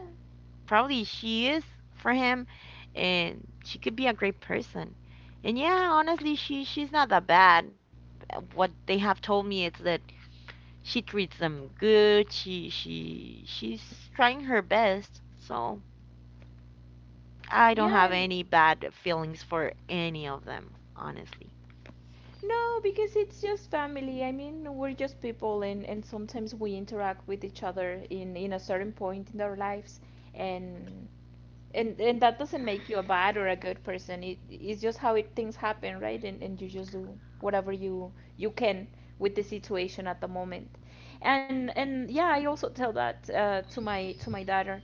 [SPEAKER 1] Probably she is for him, and she could be a great person. And yeah, honestly, she's not that bad. What they have told me is that she treats them good. She she's trying her best. So I don't
[SPEAKER 2] Yeah,
[SPEAKER 1] have
[SPEAKER 2] and
[SPEAKER 1] any bad feelings for any of them, honestly.
[SPEAKER 2] no, because it's just family. I mean, we're just people, and sometimes we interact with each other in a certain point in our lives, and and that doesn't make you a bad or a good person. It's just how, things happen, right? And you just do whatever you can with the situation at the moment. And yeah, I also tell that, to my daughter,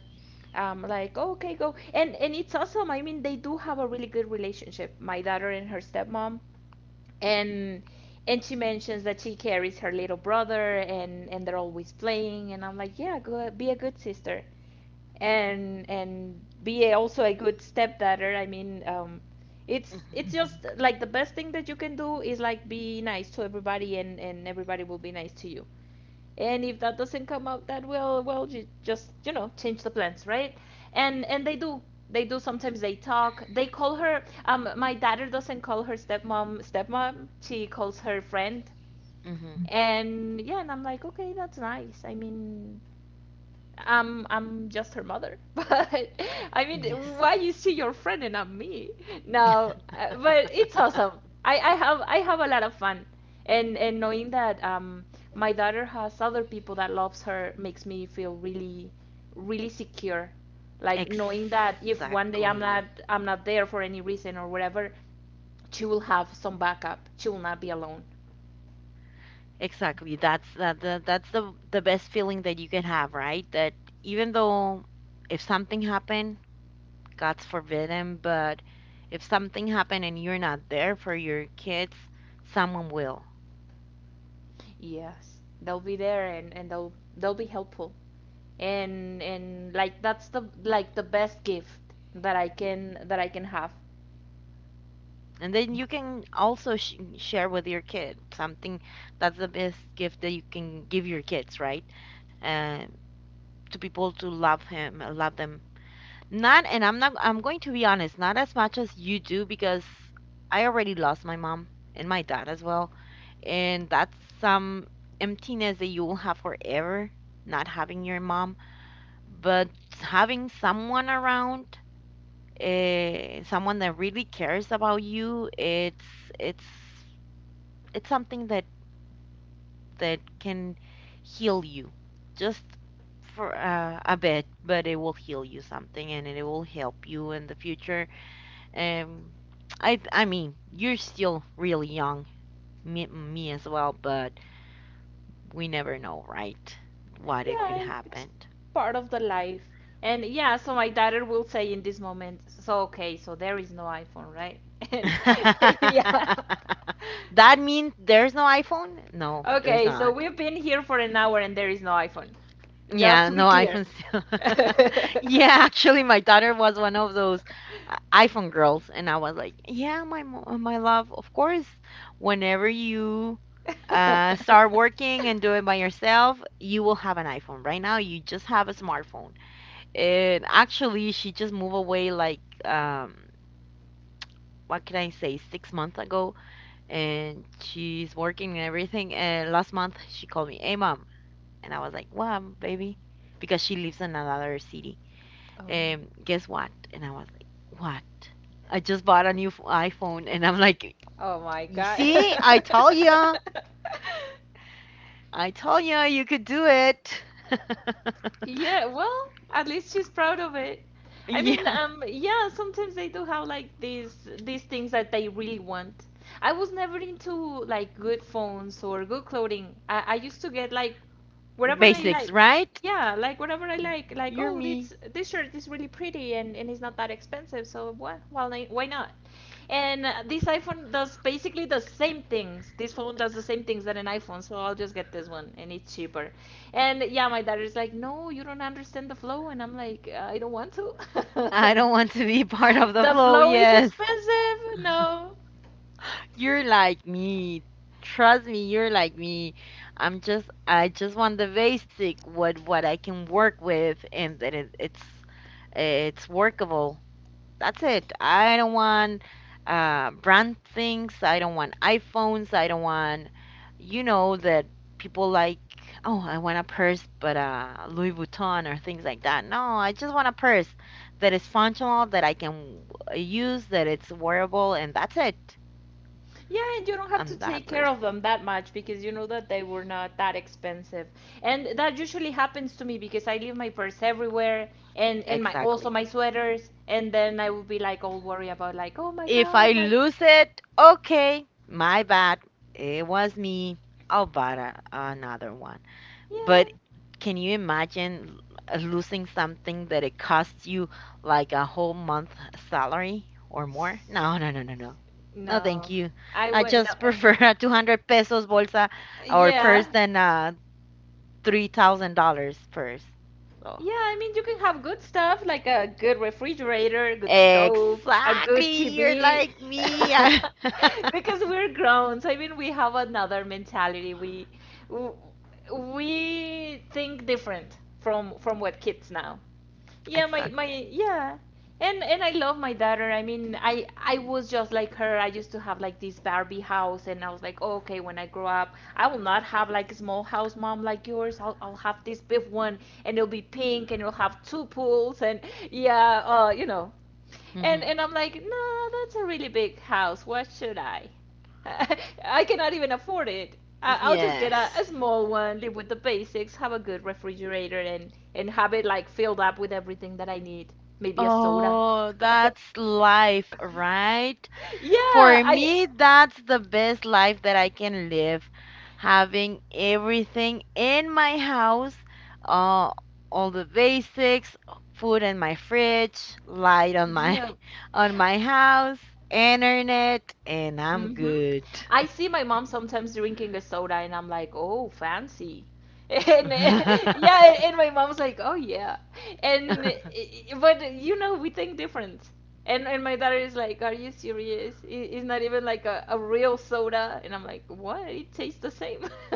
[SPEAKER 2] like, "Oh, okay, go, and it's awesome. I mean, they do have a really good relationship, my daughter and her stepmom. and and she mentions that she carries her little brother, and they're always playing, and I'm like, yeah, go be a good sister, and be a, also a good stepdaughter. I mean, it's
[SPEAKER 1] Mm-hmm.
[SPEAKER 2] just like the best thing that you can do is like be nice to everybody, and everybody will be nice to you. And if that doesn't come out that well, well, you just, you know, change the plans, right? And they do. They do, sometimes they talk. They call her, my daughter doesn't call her stepmom stepmom. She calls her friend.
[SPEAKER 1] Mm-hmm.
[SPEAKER 2] And yeah, and I'm like, okay, that's nice. I mean, I'm just her mother, <laughs> but I mean,
[SPEAKER 1] Yes.
[SPEAKER 2] why is she your friend and not me? No, but it's awesome. I have a lot of fun, and knowing that my daughter has other people that loves her makes me feel really really secure. Like knowing that if one day
[SPEAKER 1] Exactly.
[SPEAKER 2] I'm not there for any reason or whatever, she will have some backup. She will not be alone.
[SPEAKER 1] Exactly. That's that, that, that's the best feeling that you can have, right? That even though, if something happened, God's forbidden, but if something happened and you're not there for your kids, someone will.
[SPEAKER 2] Yes, they'll be there, and they'll be helpful. And like that's the like the best gift that I can have.
[SPEAKER 1] And then you can also sh share with your kid something, that's the best gift that you can give your kids, right? Uh, to people to love them. Not, and I'm not I'm going to be honest, not as much as you do, because I already lost my mom and my dad as well. And that's some emptiness that you will have forever, not having your mom. But having someone around, someone that really cares about you, it's it's something that, that can heal you, just for a bit, but it will heal you something and it will help you in the future. Um, I mean, you're still really young, me, me as well, but we never know, right? What
[SPEAKER 2] Yeah,
[SPEAKER 1] it could
[SPEAKER 2] it's
[SPEAKER 1] happen.
[SPEAKER 2] part of the life. And yeah, so my daughter will say in this moment, so okay, so there is no iPhone, right? <laughs> And <laughs> yeah.
[SPEAKER 1] <laughs> That means there's no iPhone? No, there's
[SPEAKER 2] Okay, so
[SPEAKER 1] not.
[SPEAKER 2] we've been here for an hour and there is no iPhone.
[SPEAKER 1] Yeah,
[SPEAKER 2] Just to
[SPEAKER 1] no
[SPEAKER 2] be clear.
[SPEAKER 1] iPhone still. <laughs> Yeah, <laughs>
[SPEAKER 2] <laughs>
[SPEAKER 1] actually, my daughter was one of those iPhone girls, and I was like, "Yeah, my love, of course. Whenever you start working and do it by yourself, you will have an iPhone. Right now, you just have a smartphone." And actually, she just moved away like, what can I say, 6 months ago, and she's working and everything. And last month, she called me, "Hey, mom," and I was like, "What, baby?" Because she lives in another city.
[SPEAKER 2] Oh.
[SPEAKER 1] Guess what? And I was like, what? I just bought a new iPhone. And I'm like,
[SPEAKER 2] Oh my
[SPEAKER 1] "You
[SPEAKER 2] God.
[SPEAKER 1] see, I told ya.
[SPEAKER 2] <laughs>
[SPEAKER 1] I told ya, you could do it." <laughs>
[SPEAKER 2] Yeah, well, at least she's proud of it. I mean,
[SPEAKER 1] Yeah.
[SPEAKER 2] yeah, sometimes they do have like these things that they really want. I was never into like good phones or good clothing. I used to get like whatever I
[SPEAKER 1] Basics,
[SPEAKER 2] like.
[SPEAKER 1] right?
[SPEAKER 2] Yeah, like whatever I
[SPEAKER 1] Mm,
[SPEAKER 2] like. Like,
[SPEAKER 1] you're
[SPEAKER 2] oh,
[SPEAKER 1] me.
[SPEAKER 2] this shirt is really pretty, and it's not that expensive, so what? Well, why not? And this iPhone does basically the same things. This phone does the same things that an iPhone, so I'll just get this one, and it's cheaper. And yeah, my daughter's like, "No, you don't understand the flow." And I'm like, "I don't want to."
[SPEAKER 1] I
[SPEAKER 2] <laughs>
[SPEAKER 1] don't want to be <laughs> part of the
[SPEAKER 2] The
[SPEAKER 1] flow.
[SPEAKER 2] flow is
[SPEAKER 1] Yes.
[SPEAKER 2] expensive. No.
[SPEAKER 1] You're like me. Trust me, you're like me. I just want the basic, what I can work with, and that it, it's workable. That's it. I don't want brand things. I don't want iPhones. I don't want, you know, that people like, oh, I want a purse, but Louis Vuitton or things like that. No, I just want a purse that is functional, that I can use, that it's wearable, and that's it.
[SPEAKER 2] Yeah, and you don't have to
[SPEAKER 1] I'm that
[SPEAKER 2] take care
[SPEAKER 1] person.
[SPEAKER 2] of them that much because you know that they were not that expensive. And that usually happens to me because I leave my purse everywhere, and my also
[SPEAKER 1] Exactly.
[SPEAKER 2] my sweaters, and then I would be like all worried about like, "Oh my
[SPEAKER 1] If
[SPEAKER 2] God,
[SPEAKER 1] I
[SPEAKER 2] my
[SPEAKER 1] lose it, okay, my bad. It was me. I'll buy another one. But
[SPEAKER 2] Yeah.
[SPEAKER 1] can you imagine losing something that it costs you like a whole month salary or more? No, no, no, no, no. No, thank
[SPEAKER 2] No,
[SPEAKER 1] you.
[SPEAKER 2] I
[SPEAKER 1] I
[SPEAKER 2] wouldn't.
[SPEAKER 1] just <laughs>
[SPEAKER 2] No.
[SPEAKER 1] prefer a 200 pesos bolsa or
[SPEAKER 2] Yeah.
[SPEAKER 1] purse than a $3,000 purse. So,
[SPEAKER 2] Yeah, I mean, you can have good stuff like a good refrigerator, a good stove, a
[SPEAKER 1] exactly.
[SPEAKER 2] good
[SPEAKER 1] You're
[SPEAKER 2] TV.
[SPEAKER 1] like me.
[SPEAKER 2] <laughs>
[SPEAKER 1] I- <laughs>
[SPEAKER 2] Because we're grown. So I mean, we have another mentality. W- we think different from what kids now. Yeah, my
[SPEAKER 1] Exactly.
[SPEAKER 2] yeah, and I love my daughter. I mean, I was just like her. I used to have like this Barbie house, and I was like, "Oh, okay, when I grow up, I will not have like a small house, mom, like yours. I'll have this big one, and it'll be pink, and it'll have two pools, and yeah, you know. and
[SPEAKER 1] Hmm.
[SPEAKER 2] and I'm like, no, that's a really big house. What should I I cannot even afford it. I'll just get
[SPEAKER 1] Yes.
[SPEAKER 2] a small one, live with the basics, have a good refrigerator, and have it like filled up with everything that I need. Maybe a soda.
[SPEAKER 1] Oh, that's
[SPEAKER 2] <laughs>
[SPEAKER 1] life, right?
[SPEAKER 2] Yeah,
[SPEAKER 1] For
[SPEAKER 2] I
[SPEAKER 1] me, that's the best life that I can live, having everything in my house, uh, all the basics, food in my fridge, light on my
[SPEAKER 2] yeah.
[SPEAKER 1] <laughs> on my house, internet, and I'm
[SPEAKER 2] Hmm.
[SPEAKER 1] good.
[SPEAKER 2] I see my mom sometimes drinking a soda, and I'm like, oh, fancy. <laughs> And
[SPEAKER 1] <laughs>
[SPEAKER 2] yeah, and my mom's like, oh yeah. And but you know, we think different. And my daughter is like, are you serious? It's not even like a real soda. And I'm like, what? It tastes the same. <laughs>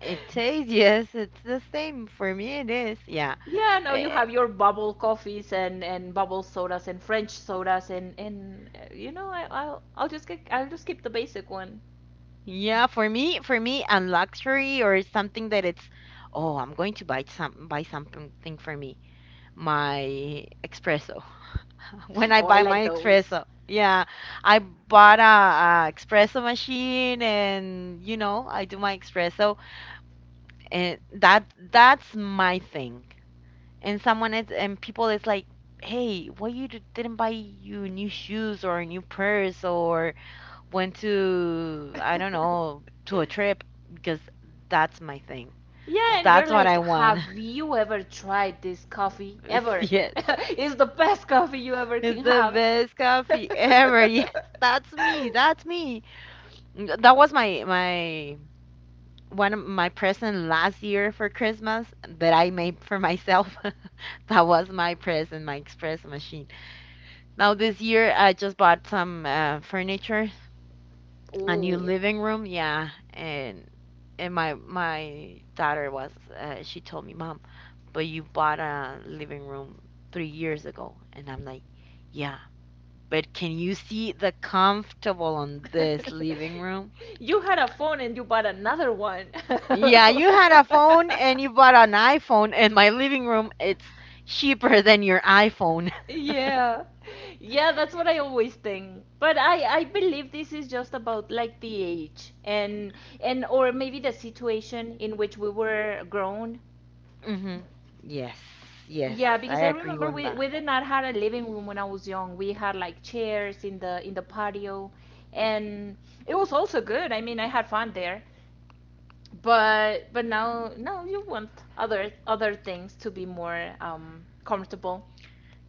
[SPEAKER 1] It tastes, yes, it's the same. For me, it is. Yeah.
[SPEAKER 2] Yeah, no, you
[SPEAKER 1] Eh,
[SPEAKER 2] have your bubble coffees and bubble sodas and French sodas, and you know, I'll just get I'll just keep the basic one.
[SPEAKER 1] Yeah, for me, a luxury or something that it's, oh, I'm going to buy something for me. My espresso. <laughs> When I
[SPEAKER 2] Oh, I
[SPEAKER 1] buy
[SPEAKER 2] like
[SPEAKER 1] my
[SPEAKER 2] those.
[SPEAKER 1] espresso, yeah, I bought a espresso machine, and you know, I do my espresso, and that's my thing. And someone is, and people is like, hey, why you didn't buy you new shoes or a new purse or went to I don't know
[SPEAKER 2] <laughs>
[SPEAKER 1] to a trip because that's my thing.
[SPEAKER 2] Yeah, and you're
[SPEAKER 1] That's what
[SPEAKER 2] like,
[SPEAKER 1] I want.
[SPEAKER 2] have you ever tried this coffee?
[SPEAKER 1] <laughs>
[SPEAKER 2] Ever.
[SPEAKER 1] Yes.
[SPEAKER 2] <laughs> It's the best coffee you ever
[SPEAKER 1] It's
[SPEAKER 2] can
[SPEAKER 1] the
[SPEAKER 2] have.
[SPEAKER 1] best coffee ever. <laughs> Yes,
[SPEAKER 2] <laughs>
[SPEAKER 1] that's me. That's me. That was my one of my present last year for Christmas that I made for myself. <laughs> That was my present, my express machine. Now this year I just bought some furniture, a new
[SPEAKER 2] Ooh.
[SPEAKER 1] living room, yeah, and my daughter was she told me, "Mom, but you bought a living room 3 years ago." And I'm like, "Yeah, but can you see the comfortable on this
[SPEAKER 2] <laughs>
[SPEAKER 1] living room?
[SPEAKER 2] You had a phone and you bought another one.
[SPEAKER 1] Yeah, you had a phone
[SPEAKER 2] <laughs>
[SPEAKER 1] and you bought an iPhone, and my living room, it's cheaper than your iPhone."
[SPEAKER 2] Yeah. Yeah, that's what I always think. But I believe this is just about like the age and or maybe the situation in which we were grown.
[SPEAKER 1] <laughs> Hmm. Yes, yes,
[SPEAKER 2] Yeah,
[SPEAKER 1] I
[SPEAKER 2] because I
[SPEAKER 1] agree
[SPEAKER 2] remember
[SPEAKER 1] on
[SPEAKER 2] we
[SPEAKER 1] that.
[SPEAKER 2] we did not had a living room when I was young. We had like chairs in the patio and it was also good. I mean, I had fun there. But now you want other things to be more comfortable.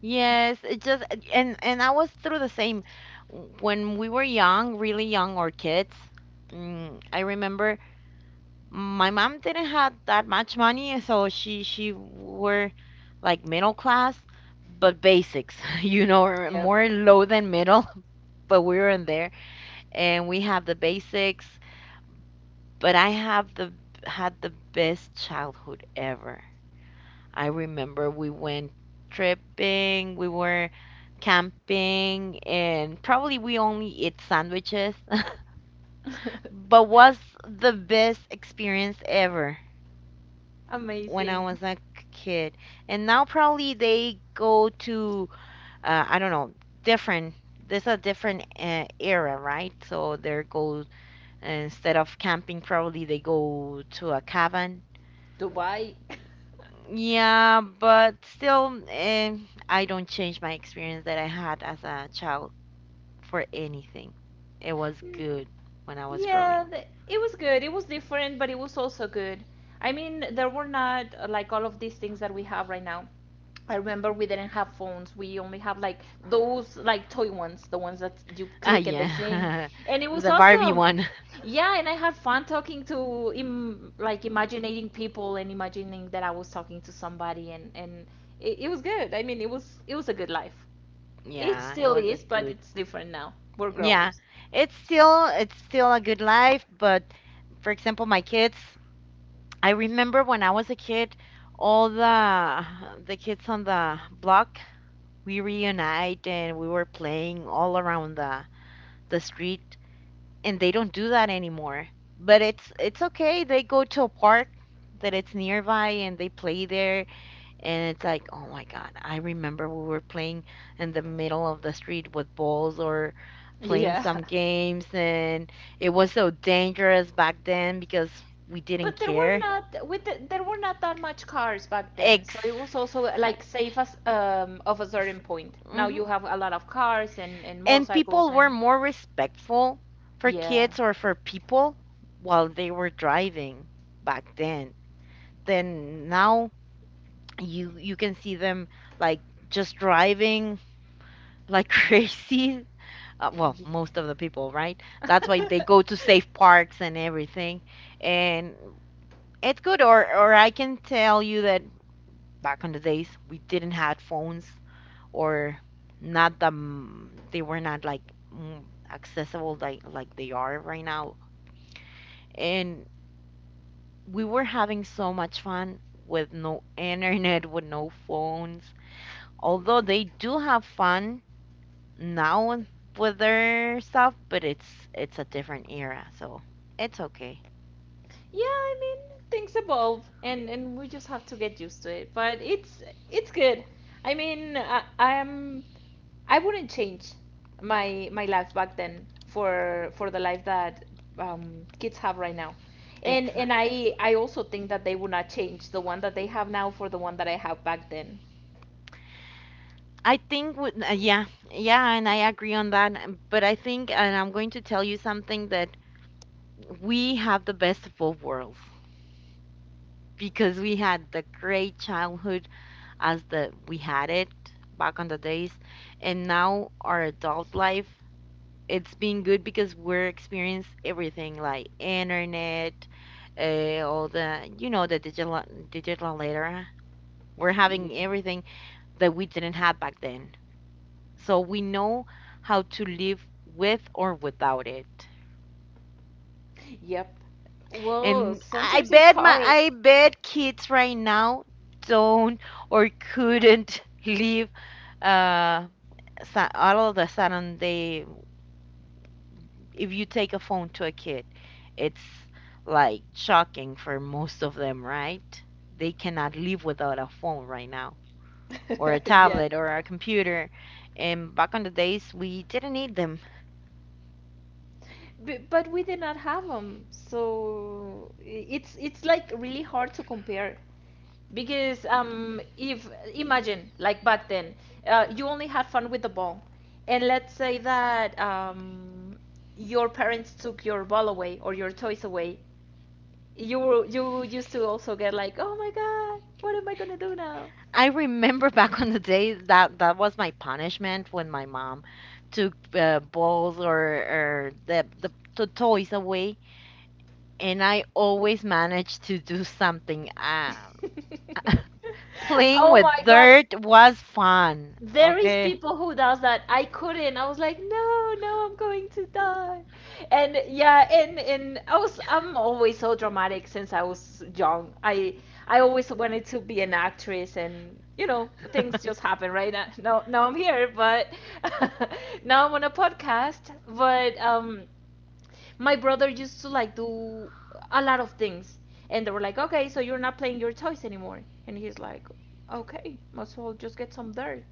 [SPEAKER 1] Yes, it just and I was through the same when we were young, really young or kids. I remember my mom didn't have that much money, so she were like middle class, but basics, <laughs> you know, or
[SPEAKER 2] Yep.
[SPEAKER 1] more low than middle, <laughs> but we were in there and we have the basics, but I have the had the best childhood ever. I remember we went tripping, we were camping, and probably we only eat sandwiches, <laughs> but
[SPEAKER 2] <laughs>
[SPEAKER 1] was the best experience ever. When I
[SPEAKER 2] Amazing.
[SPEAKER 1] was a kid. And now probably they go to I don't know different. There's a different era, right? So they go instead of camping, probably they go to a cabin.
[SPEAKER 2] Dubai. <laughs>
[SPEAKER 1] Yeah, but still, I don't change my experience that I had as a child for anything. It was
[SPEAKER 2] N-
[SPEAKER 1] good when I was growing.
[SPEAKER 2] yeah, it was good. It was different, but it was also good. I mean, there were not like all of these things that we have right now. I remember we didn't have phones. We only have like those like toy ones, the ones that you
[SPEAKER 1] Ah,
[SPEAKER 2] click and they sing.
[SPEAKER 1] yeah,
[SPEAKER 2] And it
[SPEAKER 1] <laughs>
[SPEAKER 2] was
[SPEAKER 1] the Barbie
[SPEAKER 2] awesome.
[SPEAKER 1] one.
[SPEAKER 2] Yeah, and I had fun talking to im like
[SPEAKER 1] <laughs>
[SPEAKER 2] imagining people and imagining that I was talking to somebody and it was good. I mean, it was a good life. It
[SPEAKER 1] Yeah, it
[SPEAKER 2] still
[SPEAKER 1] was a
[SPEAKER 2] is, but
[SPEAKER 1] good.
[SPEAKER 2] it's different now. We're grown.
[SPEAKER 1] Yeah, it's still a good life, but for example, my kids, I remember when I was a kid, all the kids on the block, we reunite and we were playing all around the street, and they don't do that anymore. But it's okay. They go to a park that it's nearby and they play there. And it's like, oh my God, I remember we were playing in the middle of the street with balls or playing
[SPEAKER 2] Yeah.
[SPEAKER 1] some games, and it was so dangerous back then because we didn't
[SPEAKER 2] but
[SPEAKER 1] care.
[SPEAKER 2] there were not that much cars back then,
[SPEAKER 1] Exact.
[SPEAKER 2] so it was also like safe as of a certain point. Now
[SPEAKER 1] Hmm.
[SPEAKER 2] you have a lot of cars and
[SPEAKER 1] And
[SPEAKER 2] motorcycles
[SPEAKER 1] people were
[SPEAKER 2] and
[SPEAKER 1] more respectful for
[SPEAKER 2] yeah,
[SPEAKER 1] kids or for people while they were driving back then. Then now you can see them like just driving like <laughs> crazy well,
[SPEAKER 2] yeah.
[SPEAKER 1] most of the people, right? That's why they go to safe
[SPEAKER 2] <laughs>
[SPEAKER 1] parks and everything. And it's good. Or I can tell you that back on the days, we didn't have phones or not the, they were not like mm, accessible like they are right now. And we were having so much fun with no internet, with no phones. Although they do have fun now and with their stuff, but it's a different era, so it's okay.
[SPEAKER 2] Yeah, I mean, things evolve and we just have to get used to it. But it's good. I mean, I wouldn't change my life back then for the life that kids have right now. And
[SPEAKER 1] Exactly.
[SPEAKER 2] I also think that they would not change the one that they have now for the one that I have back then.
[SPEAKER 1] I think with yeah, yeah, and I agree on that. But I think, and I'm going to tell you something that we have the best of both worlds because we had the great childhood as the we had it back on the days, and now our adult life it's been good because we're experienced everything like internet, all the you know the digital era. We're
[SPEAKER 2] Yeah.
[SPEAKER 1] having everything that we didn't have back then, so we know how to live with or without it.
[SPEAKER 2] Yep. Well,
[SPEAKER 1] And I
[SPEAKER 2] sometimes it's
[SPEAKER 1] bet my
[SPEAKER 2] hard.
[SPEAKER 1] I bet kids right now don't or couldn't <laughs> live uh, all of the sudden they if you take a phone to a kid, it's like shocking for most of them, right? They cannot live without a phone right now, or a
[SPEAKER 2] <laughs> Yeah.
[SPEAKER 1] tablet, or a computer. And back on the days, we didn't need them.
[SPEAKER 2] But we did not have them, so it's like really hard to compare because if imagine like back then, you only had fun with the ball, and let's say that your parents took your ball away or your toys away, you used to also get like, oh my god, what am I gonna do now?
[SPEAKER 1] I remember <laughs> back on the days that that was my punishment when my mom took balls or the, the toys away, and I always managed to do something.
[SPEAKER 2] <laughs>
[SPEAKER 1] Playing
[SPEAKER 2] Oh my
[SPEAKER 1] with
[SPEAKER 2] god,
[SPEAKER 1] dirt was fun.
[SPEAKER 2] there is
[SPEAKER 1] Okay.
[SPEAKER 2] people who does that. I couldn't. I was like, no, no, I'm going to die. And yeah, and I'm always so dramatic since I was young. I always wanted to be an actress, and you know,
[SPEAKER 1] <laughs>
[SPEAKER 2] things just happen right now. Now I'm here, but <laughs> now I'm on a podcast, but my brother used to like do a lot of things, and they were like, okay, so you're not playing your toys anymore. And he's like, okay, might as well just get some dirt.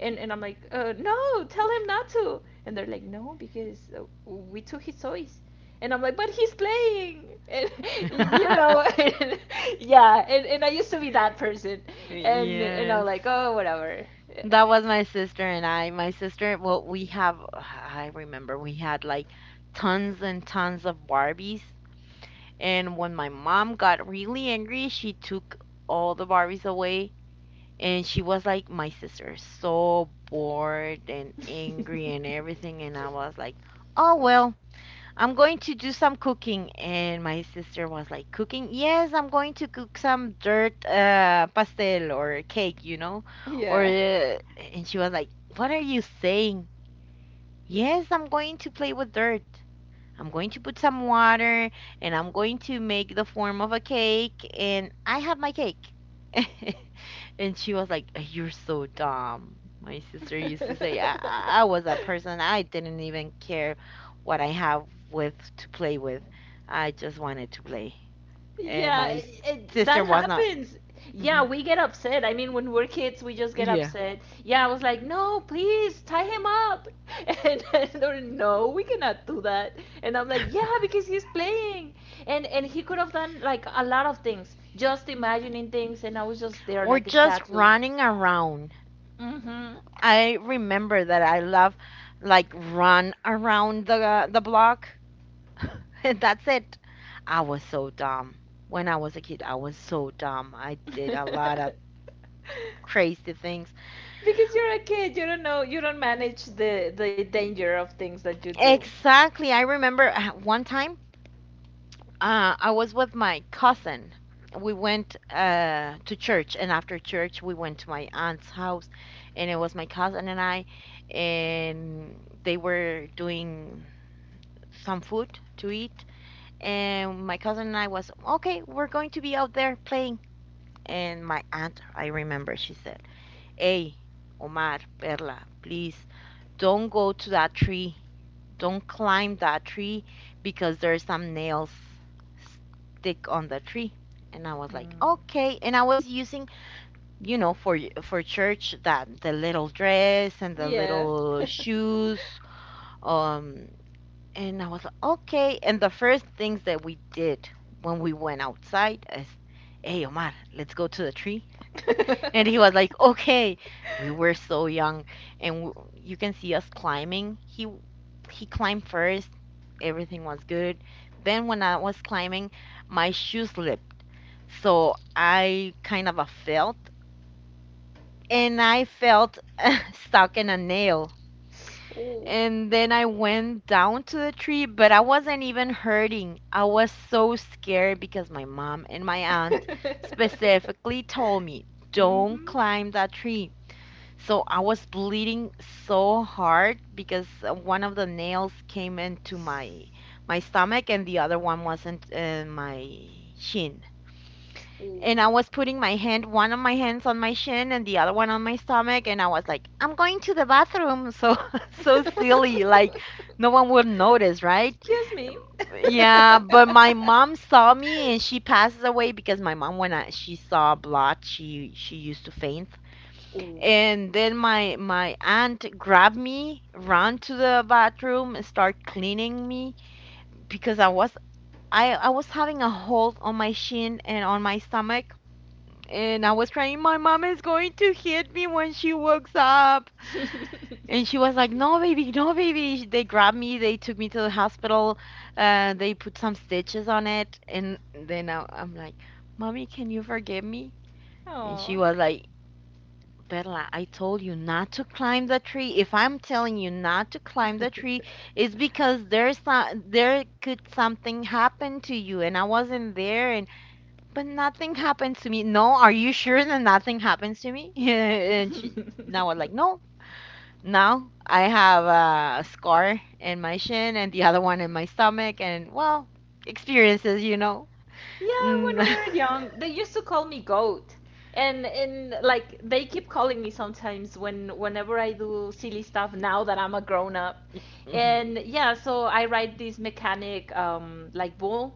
[SPEAKER 2] And I'm like, no, tell him not to. And they're like, no, because we took his toys. And I'm like, but he's playing. And <laughs> you know
[SPEAKER 1] <laughs>
[SPEAKER 2] <laughs> and, yeah, and I used to be that person. And I'm
[SPEAKER 1] Yes.
[SPEAKER 2] like, oh, whatever.
[SPEAKER 1] That was my sister and I. My sister, well, we have, I remember we had like tons and tons of Barbies. And when my mom got really angry, she took all the Barbies away. And she was like, my sister, is so bored and angry and everything. And I was like, oh, well. I'm going to do some cooking. And my sister was like, cooking? Yes, I'm going to cook some dirt pastel or cake, you know? Or,
[SPEAKER 2] Yeah.
[SPEAKER 1] and she was like, what are you saying? Yes, I'm going to play with dirt. I'm going to put some water and I'm going to make the form of a cake. And I have my cake. <laughs> And she was like, "You're so dumb." My sister
[SPEAKER 2] <laughs> Yeah.
[SPEAKER 1] used to say, I was a
[SPEAKER 2] <laughs>
[SPEAKER 1] person, I didn't even care what I have with to play with. I just wanted to play. And
[SPEAKER 2] Yeah,
[SPEAKER 1] my
[SPEAKER 2] it-
[SPEAKER 1] sister
[SPEAKER 2] that
[SPEAKER 1] was not.
[SPEAKER 2] happens. Yeah,
[SPEAKER 1] Mhm.
[SPEAKER 2] we get upset. I mean, when we're kids, we just get
[SPEAKER 1] Yeah.
[SPEAKER 2] upset. Yeah, I was like, no, please tie him up. <laughs> And they're like, no, we cannot do that. And I'm like, yeah, because he's playing. And he could have done like a lot of things, just imagining things. And I was just there
[SPEAKER 1] Or
[SPEAKER 2] like a
[SPEAKER 1] just
[SPEAKER 2] statue.
[SPEAKER 1] running around.
[SPEAKER 2] Mm-hmm.
[SPEAKER 1] I remember that I love like run around the block. <laughs> And that's it. I was so dumb. When I was a kid, I was so dumb. I did a lot of
[SPEAKER 2] <laughs>
[SPEAKER 1] crazy things.
[SPEAKER 2] Because you're a kid, you don't know, you don't manage the danger of things that you do.
[SPEAKER 1] Exactly. I remember one time I was with my cousin. We went to church, and after church, we went to my aunt's house, and it was my cousin and I, and they were doing some food to eat. And my cousin and I was, okay, we're going to be out there playing. And my aunt, I remember, she said, hey, Omar, Perla, please don't go to that tree, don't climb that tree because there's some nails stick on the tree. And I was like,
[SPEAKER 2] Mm.
[SPEAKER 1] okay. And I was using, you know, for church that the little dress and the
[SPEAKER 2] Yeah.
[SPEAKER 1] little shoes. um and I was like, okay. And the first things that we did when we went outside is, hey, Omar, let's go to the tree. And he was like,
[SPEAKER 2] <laughs>
[SPEAKER 1] okay, we were so young. And you can see us climbing. He climbed first. Everything was good. Then when I was climbing, my shoe slipped. So I kind of a felt and I felt <laughs> stuck in a nail.
[SPEAKER 2] Ooh.
[SPEAKER 1] And then I went down to the tree, but I wasn't even hurting. I was so scared because my mom and my aunt
[SPEAKER 2] <laughs>
[SPEAKER 1] specifically told me, don't
[SPEAKER 2] Mm-hmm.
[SPEAKER 1] climb that tree. So I was bleeding so hard because one of the nails came into my my stomach and the other one wasn't in my shin.
[SPEAKER 2] Ooh.
[SPEAKER 1] And I was putting my hand, one of my hands on my shin and the other one on my stomach, and I was like, I'm going to the bathroom. So <laughs> so silly,
[SPEAKER 2] <laughs>
[SPEAKER 1] like no one would notice, right?
[SPEAKER 2] Excuse me.
[SPEAKER 1] Yeah, but my mom saw me and she passes away because my mom, when I, she saw blood, she used to faint.
[SPEAKER 2] <laughs> Ooh.
[SPEAKER 1] And then my aunt grabbed me, ran to the bathroom, and started cleaning me because I was having a hold on my shin and on my stomach. And I was crying, my mom is going to hit me when she wakes up.
[SPEAKER 2] <laughs>
[SPEAKER 1] And she was like, no, baby, no, baby. They grabbed me, they took me to the hospital, they put some stitches on it. And then I'm like, mommy, can you forgive me? And she
[SPEAKER 2] Aw.
[SPEAKER 1] was like, Perla, I told you not to climb the tree. If I'm telling you not to climb the tree, it's because there's some, there could something happen to you and I wasn't there and but nothing happened to me. No, are you sure that nothing happens to me? <laughs> And she now I'm like,
[SPEAKER 2] <laughs>
[SPEAKER 1] no. Now I have a scar in my shin and the other one in my stomach and well, experiences, you know.
[SPEAKER 2] Yeah, when
[SPEAKER 1] Mm.
[SPEAKER 2] we
[SPEAKER 1] <laughs>
[SPEAKER 2] were young, they used to call me goat. And like they keep calling me sometimes when whenever I do silly stuff now that I'm a grown up.
[SPEAKER 1] Hmm.
[SPEAKER 2] And yeah, so I ride this mechanic like bull.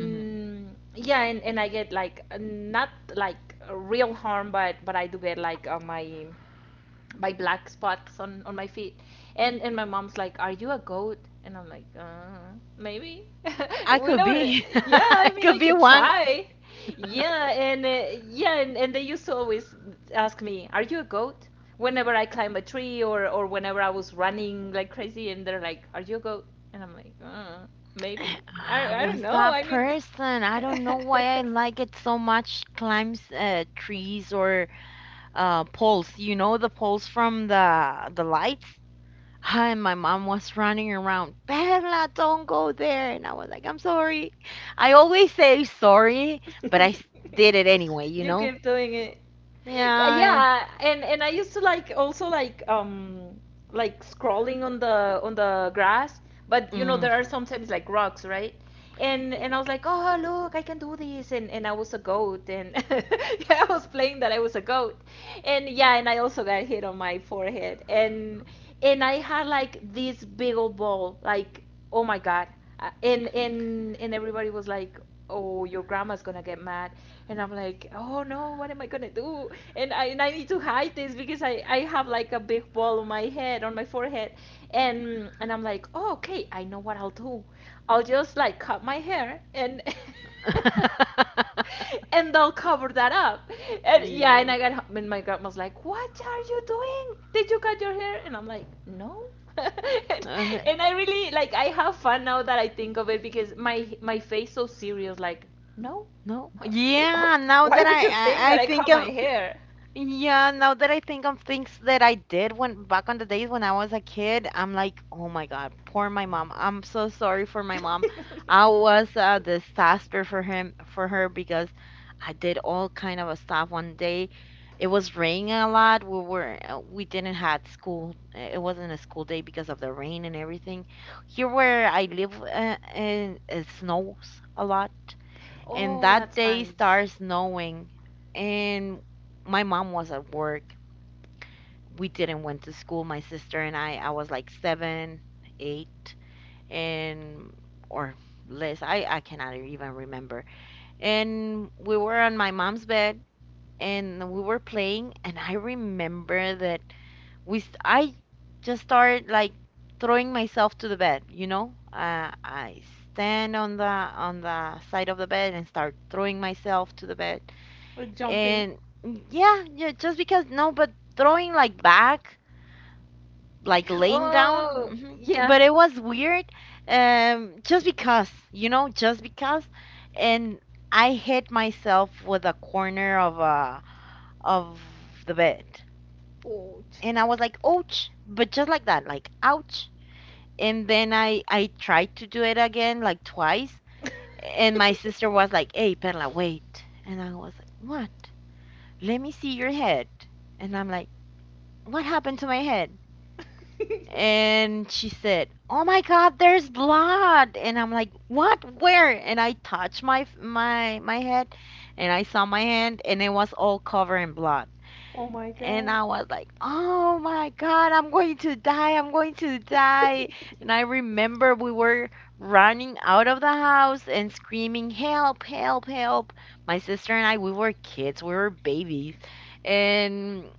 [SPEAKER 1] Hmm.
[SPEAKER 2] yeah, and I get like not like real harm, but I do get like my black spots on my feet and my mom's like, are you a goat? And I'm like, maybe. <laughs>
[SPEAKER 1] I
[SPEAKER 2] We
[SPEAKER 1] could
[SPEAKER 2] never.
[SPEAKER 1] be. <laughs>
[SPEAKER 2] Yeah,
[SPEAKER 1] I
[SPEAKER 2] I mean,
[SPEAKER 1] could
[SPEAKER 2] I
[SPEAKER 1] be
[SPEAKER 2] could
[SPEAKER 1] one.
[SPEAKER 2] try. Yeah and yeah, and they used to always ask me, are you a goat whenever I climb a tree or whenever I was running like crazy? And they're like, are you a goat? And I'm like, maybe
[SPEAKER 1] I
[SPEAKER 2] I don't
[SPEAKER 1] was
[SPEAKER 2] know.
[SPEAKER 1] that
[SPEAKER 2] I mean.
[SPEAKER 1] person. I don't know why I
[SPEAKER 2] <laughs>
[SPEAKER 1] like it so much. Climbs trees or poles. You know the poles from the lights. And my mom was running around. Perla, don't go there. And I was like, I'm sorry. I always say sorry, but
[SPEAKER 2] <laughs>
[SPEAKER 1] did it anyway. You
[SPEAKER 2] You
[SPEAKER 1] know?
[SPEAKER 2] keep doing it. Yeah,
[SPEAKER 1] Yeah.
[SPEAKER 2] yeah, and I used to like also like scrolling on the grass, but you know
[SPEAKER 1] Hmm.
[SPEAKER 2] there are sometimes like rocks, right? And
[SPEAKER 1] Yeah.
[SPEAKER 2] and I was like, "Oh, look, I can do this." And I was a goat, and <laughs> yeah, I was playing that I was a goat, and yeah, and I also got hit on my forehead, and I had like this big old ball, like, oh my god. And everybody was like, oh, your grandma's gonna get mad, and I'm like, oh no, what am I gonna do? And I need to hide this because I have like a big ball on my head, on my forehead, and I'm like, oh okay, I know what I'll do, I'll just like cut my hair and. <laughs>
[SPEAKER 1] <laughs>
[SPEAKER 2] <laughs> And they'll cover that up. And yeah, and
[SPEAKER 1] Yes.
[SPEAKER 2] I got home and my grandma's like, "What are you doing? Did you cut your hair?" And I'm like, "No." <laughs> and,
[SPEAKER 1] Uh,
[SPEAKER 2] and I really like I have fun now that I think of it because my face so serious like, "No."
[SPEAKER 1] no.
[SPEAKER 2] <laughs>
[SPEAKER 1] Yeah. Now
[SPEAKER 2] Why
[SPEAKER 1] that
[SPEAKER 2] would you think
[SPEAKER 1] I
[SPEAKER 2] that I
[SPEAKER 1] think
[SPEAKER 2] cut my
[SPEAKER 1] I
[SPEAKER 2] hair?
[SPEAKER 1] Yeah, now that I think of things that I did when back on the days when I was a kid, I'm like, oh my God, poor my mom. I'm so sorry for my mom. I
[SPEAKER 2] <laughs>
[SPEAKER 1] was a disaster for him for her because I did all kind of a stuff. One day, it was raining a lot. We were we didn't had school. It wasn't a school day because of the rain and everything. Here where I live, and it snows a lot, and
[SPEAKER 2] Oh,
[SPEAKER 1] that
[SPEAKER 2] that's
[SPEAKER 1] day
[SPEAKER 2] nice.
[SPEAKER 1] started snowing. And my mom was at work. We didn't went to school, my sister and I was like 7, 8 and or less. I cannot even remember. And we were on my mom's bed, and we were playing, and I remember that I just started like throwing myself to the bed, you know. I stand on the side of the bed and start throwing myself to the bed.
[SPEAKER 2] Or jumping.
[SPEAKER 1] And yeah, yeah, just because. No, but throwing like back, like laying down.
[SPEAKER 2] Oh,
[SPEAKER 1] Hmm.
[SPEAKER 2] yeah.
[SPEAKER 1] But it was weird, just because, you know, just because. And I hit myself with a corner of of the bed,
[SPEAKER 2] Oh.
[SPEAKER 1] and I was like, ouch, but just like that, like ouch. And then I tried to do it again like twice, and my sister was like,
[SPEAKER 2] <laughs>
[SPEAKER 1] hey, Perla, wait. And I was like, what? Let me see your head. And I'm like, what happened to my head? And she said, oh my God, there's blood. And I'm like, what? Where? And I touched my head, and I saw my hand, and it was all covered in blood.
[SPEAKER 2] oh my
[SPEAKER 1] And
[SPEAKER 2] god.
[SPEAKER 1] I was like, oh my God, I'm going to die. I'm going to die.
[SPEAKER 2] <laughs>
[SPEAKER 1] And I remember we were running out of the house and screaming, help, help, help. My sister and I, we were kids, we were babies. And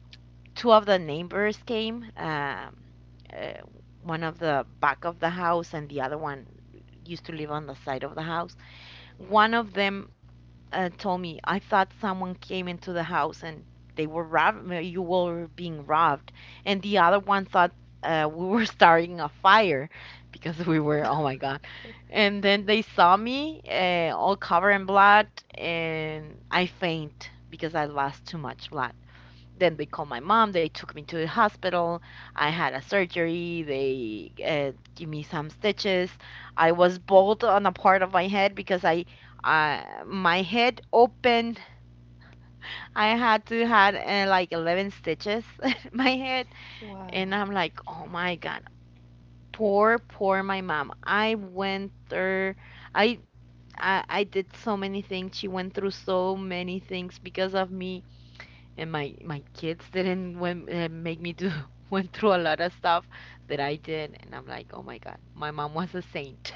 [SPEAKER 1] two of the neighbors came uh, one of the back of the house and the other one used to live on the side of the house. One of them, told me, I thought someone came into the house and they were robbed, you were being robbed. And the other one thought we were <laughs> starting a fire because we were, oh my God. And then they saw me, all covered in blood, and I faint because I lost too much blood. Then they called my mom. They took me to the hospital. I had a surgery. They give me some stitches. I was bald on a part of my head because I, my head opened. I had to had like 11 stitches <laughs> in my head,
[SPEAKER 2] Wow.
[SPEAKER 1] and I'm like, oh my God, poor, poor my mom. I went through. I, I did so many things. She went through so many things because of me, and my kids didn't went, make me do, <laughs> went through a lot of stuff that I did, and I'm like, oh my God, my mom was a saint.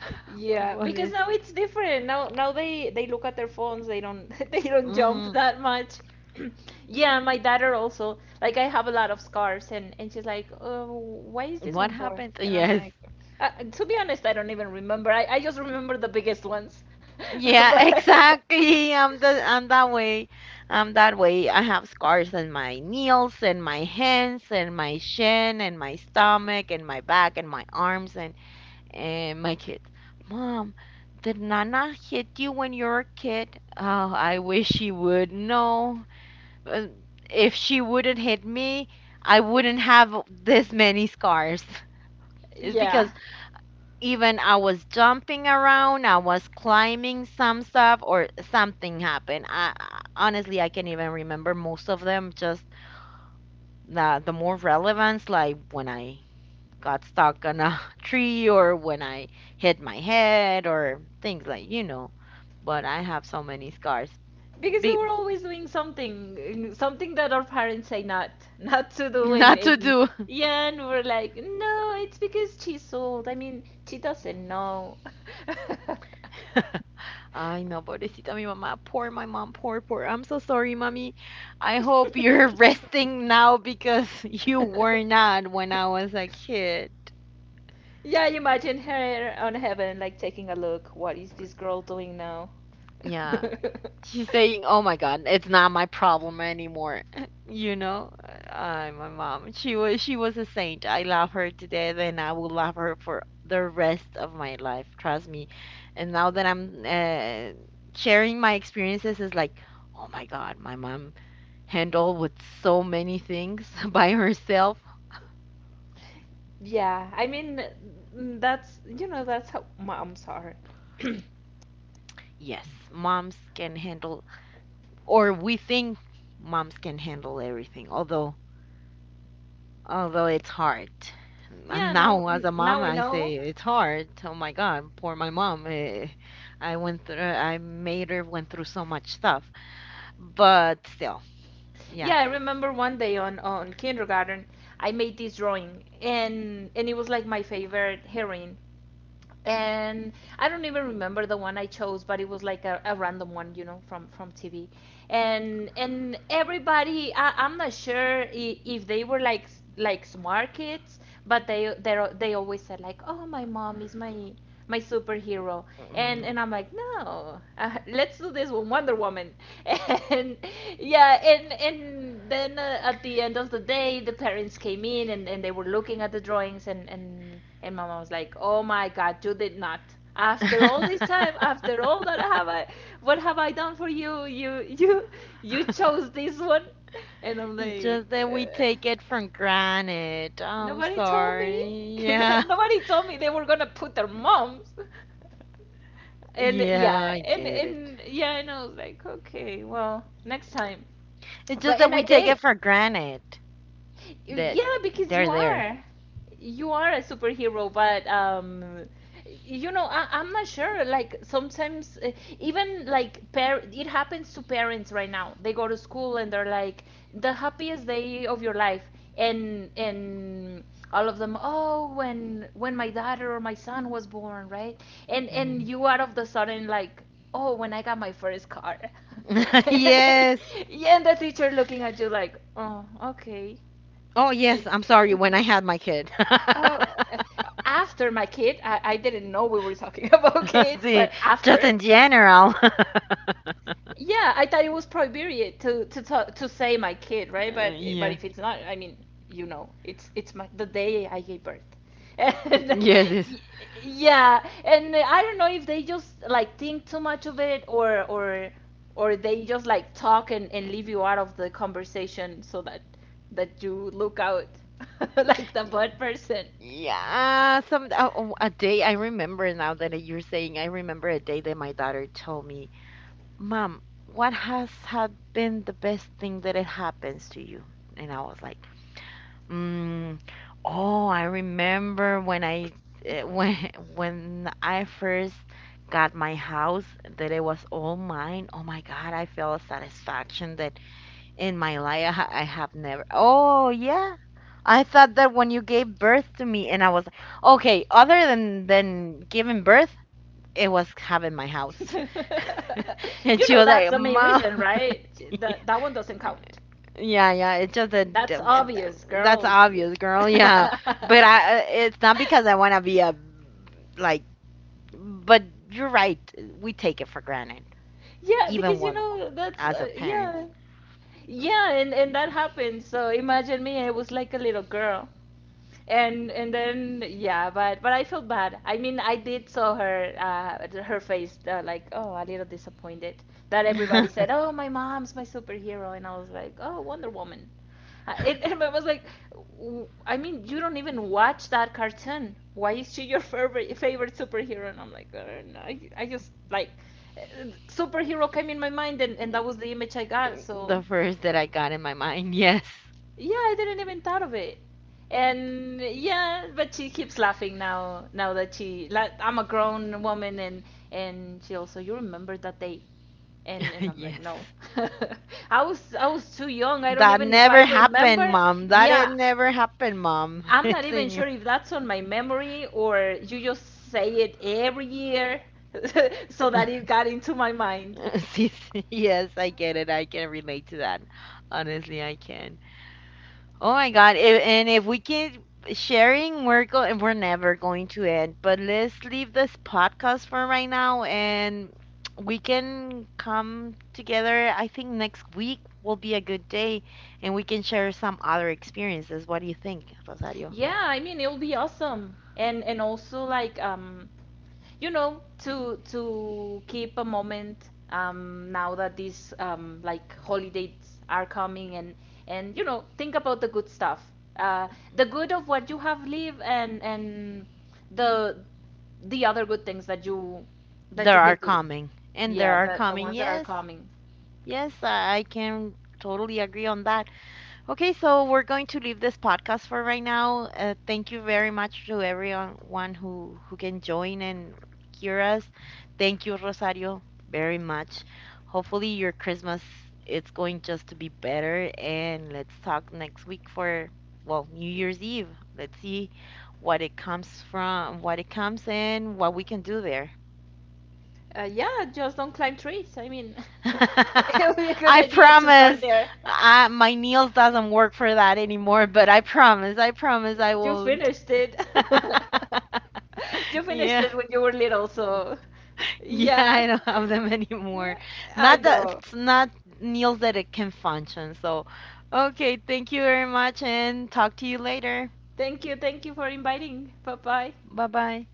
[SPEAKER 1] <laughs>
[SPEAKER 2] Yeah,
[SPEAKER 1] What
[SPEAKER 2] because
[SPEAKER 1] is
[SPEAKER 2] now
[SPEAKER 1] it?
[SPEAKER 2] it's different. Now they look at their phones. They don't <laughs> they don't jump
[SPEAKER 1] Mm,
[SPEAKER 2] that much. <clears throat> Yeah, my daughter also. Like I have a lot of scarves and she's like, "Oh, why is this
[SPEAKER 1] what
[SPEAKER 2] one for?"
[SPEAKER 1] happened?
[SPEAKER 2] And I'm
[SPEAKER 1] Yes.
[SPEAKER 2] like, to be honest, I don't even remember. I just remember the biggest ones. <laughs>
[SPEAKER 1] Yeah, <laughs>
[SPEAKER 2] But
[SPEAKER 1] exactly. I'm
[SPEAKER 2] <laughs>
[SPEAKER 1] that way. I'm that way. I have scars in my knees and my hands and my shin and my stomach and my back and my arms. And my kid, Mom, did Nana hit you when you were a kid? Oh, I wish she would. No. Uh, if she wouldn't hit me, I wouldn't have this many scars. <laughs> It's because
[SPEAKER 2] yeah.
[SPEAKER 1] even I was jumping around, I was climbing some stuff, or something happened. Honestly I can't even remember most of them. Just the more relevance, like when I got stuck on a <laughs> tree or when I hit my head or things like, you know. But I have so many scars.
[SPEAKER 2] Because we
[SPEAKER 1] Be,
[SPEAKER 2] were always doing something that our parents say not <laughs> not to
[SPEAKER 1] <laughs>
[SPEAKER 2] do
[SPEAKER 1] not to
[SPEAKER 2] and
[SPEAKER 1] do. <laughs>
[SPEAKER 2] yeah and we're like, no, it's because she's old. I mean, she doesn't know.
[SPEAKER 1] Ay, no, pobrecita mi mamá. Poor my mom. Poor, poor. I'm so sorry, mommy. I hope you're <laughs>
[SPEAKER 2] <laughs>
[SPEAKER 1] resting now because <laughs> you were not when I was a kid.
[SPEAKER 2] Yeah, I imagine her on heaven like taking a look, what is this girl doing now? <laughs>
[SPEAKER 1] Yeah. She's saying, "Oh my God, it's not my problem anymore." <laughs> You know, I, my mom, she was a saint. I love her to death, and I will love her for the rest of my life. Trust me. And now that I'm sharing my experiences, is like, oh my God, my mom handled with so many things <laughs> by herself.
[SPEAKER 2] Yeah, I mean, that's, you know, that's how moms are. <clears throat>
[SPEAKER 1] Yes, moms can handle, or we think moms can handle everything. Although it's hard. And
[SPEAKER 2] Yeah, now
[SPEAKER 1] now, as a mom,
[SPEAKER 2] now we
[SPEAKER 1] I say
[SPEAKER 2] know.
[SPEAKER 1] it's hard. Oh my God, poor my mom. I went through, I made her went through so much stuff. But still, yeah.
[SPEAKER 2] Yeah, I remember one day on kindergarten, I made this drawing, and it was like my favorite heroine. And I don't even remember the one I chose, but it was like a random one, you know, from TV. And everybody, I'm not sure if they were like like smart kids, but they always said like, oh, my mom is my superhero, and
[SPEAKER 1] Hmm.
[SPEAKER 2] I'm like, no, let's do this with Wonder Woman, <laughs> and yeah, and then at the end of the day, the parents came in and they were looking at the drawings and my mom was like, "Oh my God, you did not. After all this
[SPEAKER 1] <laughs>
[SPEAKER 2] time, after all that have what have I done for you? You chose this one." And I'm
[SPEAKER 1] Just
[SPEAKER 2] like,
[SPEAKER 1] that we take it for granted. I'm
[SPEAKER 2] "Nobody told me.
[SPEAKER 1] sorry.
[SPEAKER 2] <laughs>
[SPEAKER 1] Yeah.
[SPEAKER 2] Nobody told me they were gonna put their moms." And
[SPEAKER 1] Yeah,
[SPEAKER 2] yeah,
[SPEAKER 1] I
[SPEAKER 2] and
[SPEAKER 1] get it.
[SPEAKER 2] and yeah, and I was like, "Okay, well, next time."
[SPEAKER 1] It's just
[SPEAKER 2] But
[SPEAKER 1] that
[SPEAKER 2] and
[SPEAKER 1] we
[SPEAKER 2] I
[SPEAKER 1] take it
[SPEAKER 2] did.
[SPEAKER 1] for granted that
[SPEAKER 2] Yeah, because you
[SPEAKER 1] they're there.
[SPEAKER 2] are. You are a superhero, but you know, I'm not sure. Like sometimes, even like par- it happens to parents right now. They go to school and they're like the happiest day of your life, and all of them. Oh, when my daughter or my son was born, right? And
[SPEAKER 1] Hmm.
[SPEAKER 2] and you out of the sudden like, oh, when I got my first car, <laughs>
[SPEAKER 1] <laughs>
[SPEAKER 2] and,
[SPEAKER 1] yes.
[SPEAKER 2] yeah, and the teacher looking at you like, oh, okay.
[SPEAKER 1] Oh, yes.
[SPEAKER 2] It,
[SPEAKER 1] I'm sorry
[SPEAKER 2] I'm
[SPEAKER 1] when I
[SPEAKER 2] like,
[SPEAKER 1] had my kid.
[SPEAKER 2] oh,
[SPEAKER 1] <laughs>
[SPEAKER 2] after my kid, I didn't know we were talking <laughs> about
[SPEAKER 1] <laughs>
[SPEAKER 2] kids,
[SPEAKER 1] See,
[SPEAKER 2] but
[SPEAKER 1] just
[SPEAKER 2] after,
[SPEAKER 1] in general. <laughs>
[SPEAKER 2] yeah, I thought it was prohibited to talk, to say my kid, right? But but
[SPEAKER 1] Yes.
[SPEAKER 2] if it's not, I mean, you know, it's my the day I gave birth. <laughs> And
[SPEAKER 1] Yes,
[SPEAKER 2] y- yeah, and I don't know if they just like think too much of it or or they just like talk and leave you out of the conversation so that you look out <laughs> like the
[SPEAKER 1] yes.
[SPEAKER 2] bad person.
[SPEAKER 1] Yeah, some oh, a day I remember now that you're saying, I remember a day that my daughter told me, "Mom, what has had been the best thing that it happens to you?" And I was like, mm, "Oh, I remember when I when <laughs> when I first got my house that it was all mine. Oh my God, I felt a satisfaction in my life, I, I have never. Oh, yeah. I thought that when you gave birth to me, and I was okay. Other than giving birth, it was having my house, <laughs>
[SPEAKER 2] <laughs>
[SPEAKER 1] and
[SPEAKER 2] You
[SPEAKER 1] she
[SPEAKER 2] know
[SPEAKER 1] was
[SPEAKER 2] that's
[SPEAKER 1] like,
[SPEAKER 2] the main
[SPEAKER 1] "Mom,
[SPEAKER 2] reason, right?
[SPEAKER 1] <laughs>
[SPEAKER 2] That that one doesn't count.
[SPEAKER 1] yeah, yeah." It's just that
[SPEAKER 2] That's
[SPEAKER 1] um, it-
[SPEAKER 2] obvious,
[SPEAKER 1] that's
[SPEAKER 2] girl.
[SPEAKER 1] obvious, girl. Yeah,
[SPEAKER 2] <laughs>
[SPEAKER 1] but I, it's not because I want to be a like. But you're right. We take it for granted,
[SPEAKER 2] Yeah,
[SPEAKER 1] even
[SPEAKER 2] because you
[SPEAKER 1] when
[SPEAKER 2] know that's
[SPEAKER 1] as a parent.
[SPEAKER 2] yeah. Yeah, and that happened. So imagine me, I was like a little girl. And then yeah, but I feel bad, I mean I did saw her her face like, oh, a little disappointed that everybody said,
[SPEAKER 1] <laughs>
[SPEAKER 2] oh, my mom's my superhero, and I was like, oh, Wonder Woman. It, <laughs> and I was like, I mean, you don't even watch that cartoon, why is she your favorite superhero?" And I'm like, I don't know. I just like, superhero came in my mind, and that was the image I got,
[SPEAKER 1] The
[SPEAKER 2] so
[SPEAKER 1] first that I got in my mind. Yes.
[SPEAKER 2] yeah, I didn't even thought of it. And yeah, but she keeps laughing now. Now that she, like, I'm a grown woman, and she also, you remember that day? And
[SPEAKER 1] <laughs>
[SPEAKER 2] and I'm like,
[SPEAKER 1] Yes.
[SPEAKER 2] no, <laughs> I was too young. I don't
[SPEAKER 1] That
[SPEAKER 2] even if I
[SPEAKER 1] never happened,
[SPEAKER 2] remember.
[SPEAKER 1] mom. That it
[SPEAKER 2] Yeah,
[SPEAKER 1] never happened, mom. <laughs>
[SPEAKER 2] I'm not
[SPEAKER 1] It's
[SPEAKER 2] even
[SPEAKER 1] in your.
[SPEAKER 2] sure if that's on my memory or you just say it every year, <laughs> so that it got into my mind.
[SPEAKER 1] <laughs> Yes, yes, I get it. I can relate to that. Honestly, I can. Oh my God. If, and if we keep sharing, we're never going to end. But let's leave this podcast for right now, and we can come together. I think next week will be a good day, and we can share some other experiences. What do you think, Rosario?
[SPEAKER 2] Yeah, I mean it'll be awesome. And also like you know to keep a moment, now that these like holidays are coming and you know think about the good stuff, uh, the good of what you have lived and the other good things that
[SPEAKER 1] There
[SPEAKER 2] you can
[SPEAKER 1] are
[SPEAKER 2] do,
[SPEAKER 1] coming. And there
[SPEAKER 2] yeah,
[SPEAKER 1] are
[SPEAKER 2] the
[SPEAKER 1] coming.
[SPEAKER 2] ones that are
[SPEAKER 1] Yes.
[SPEAKER 2] coming.
[SPEAKER 1] Yes, I can totally agree on that. Okay, so we're going to leave this podcast for right now. Thank you very much to everyone who can join and hear us. Thank you, Rosario, very much. Hopefully your Christmas it's going just to be better, and let's talk next week for, well, New Year's Eve. Let's see what it comes from, what it comes and what we can do there.
[SPEAKER 2] Yeah, just don't climb trees, I mean,
[SPEAKER 1] <laughs>
[SPEAKER 2] <laughs> it would be a good
[SPEAKER 1] I
[SPEAKER 2] idea to start
[SPEAKER 1] promise.
[SPEAKER 2] there.
[SPEAKER 1] I, my nails doesn't work for that anymore, but I promise. I promise I
[SPEAKER 2] You
[SPEAKER 1] won't.
[SPEAKER 2] finished it. <laughs>
[SPEAKER 1] <laughs>
[SPEAKER 2] You finished
[SPEAKER 1] Yeah.
[SPEAKER 2] it when you were little, so
[SPEAKER 1] Yeah, I
[SPEAKER 2] yeah.
[SPEAKER 1] don't have them <laughs> anymore.
[SPEAKER 2] I
[SPEAKER 1] Not that
[SPEAKER 2] know.
[SPEAKER 1] it's not nails that it can function. So, okay, thank you very much and talk to you later.
[SPEAKER 2] Thank you. Thank you for inviting. Bye bye.
[SPEAKER 1] Bye-bye.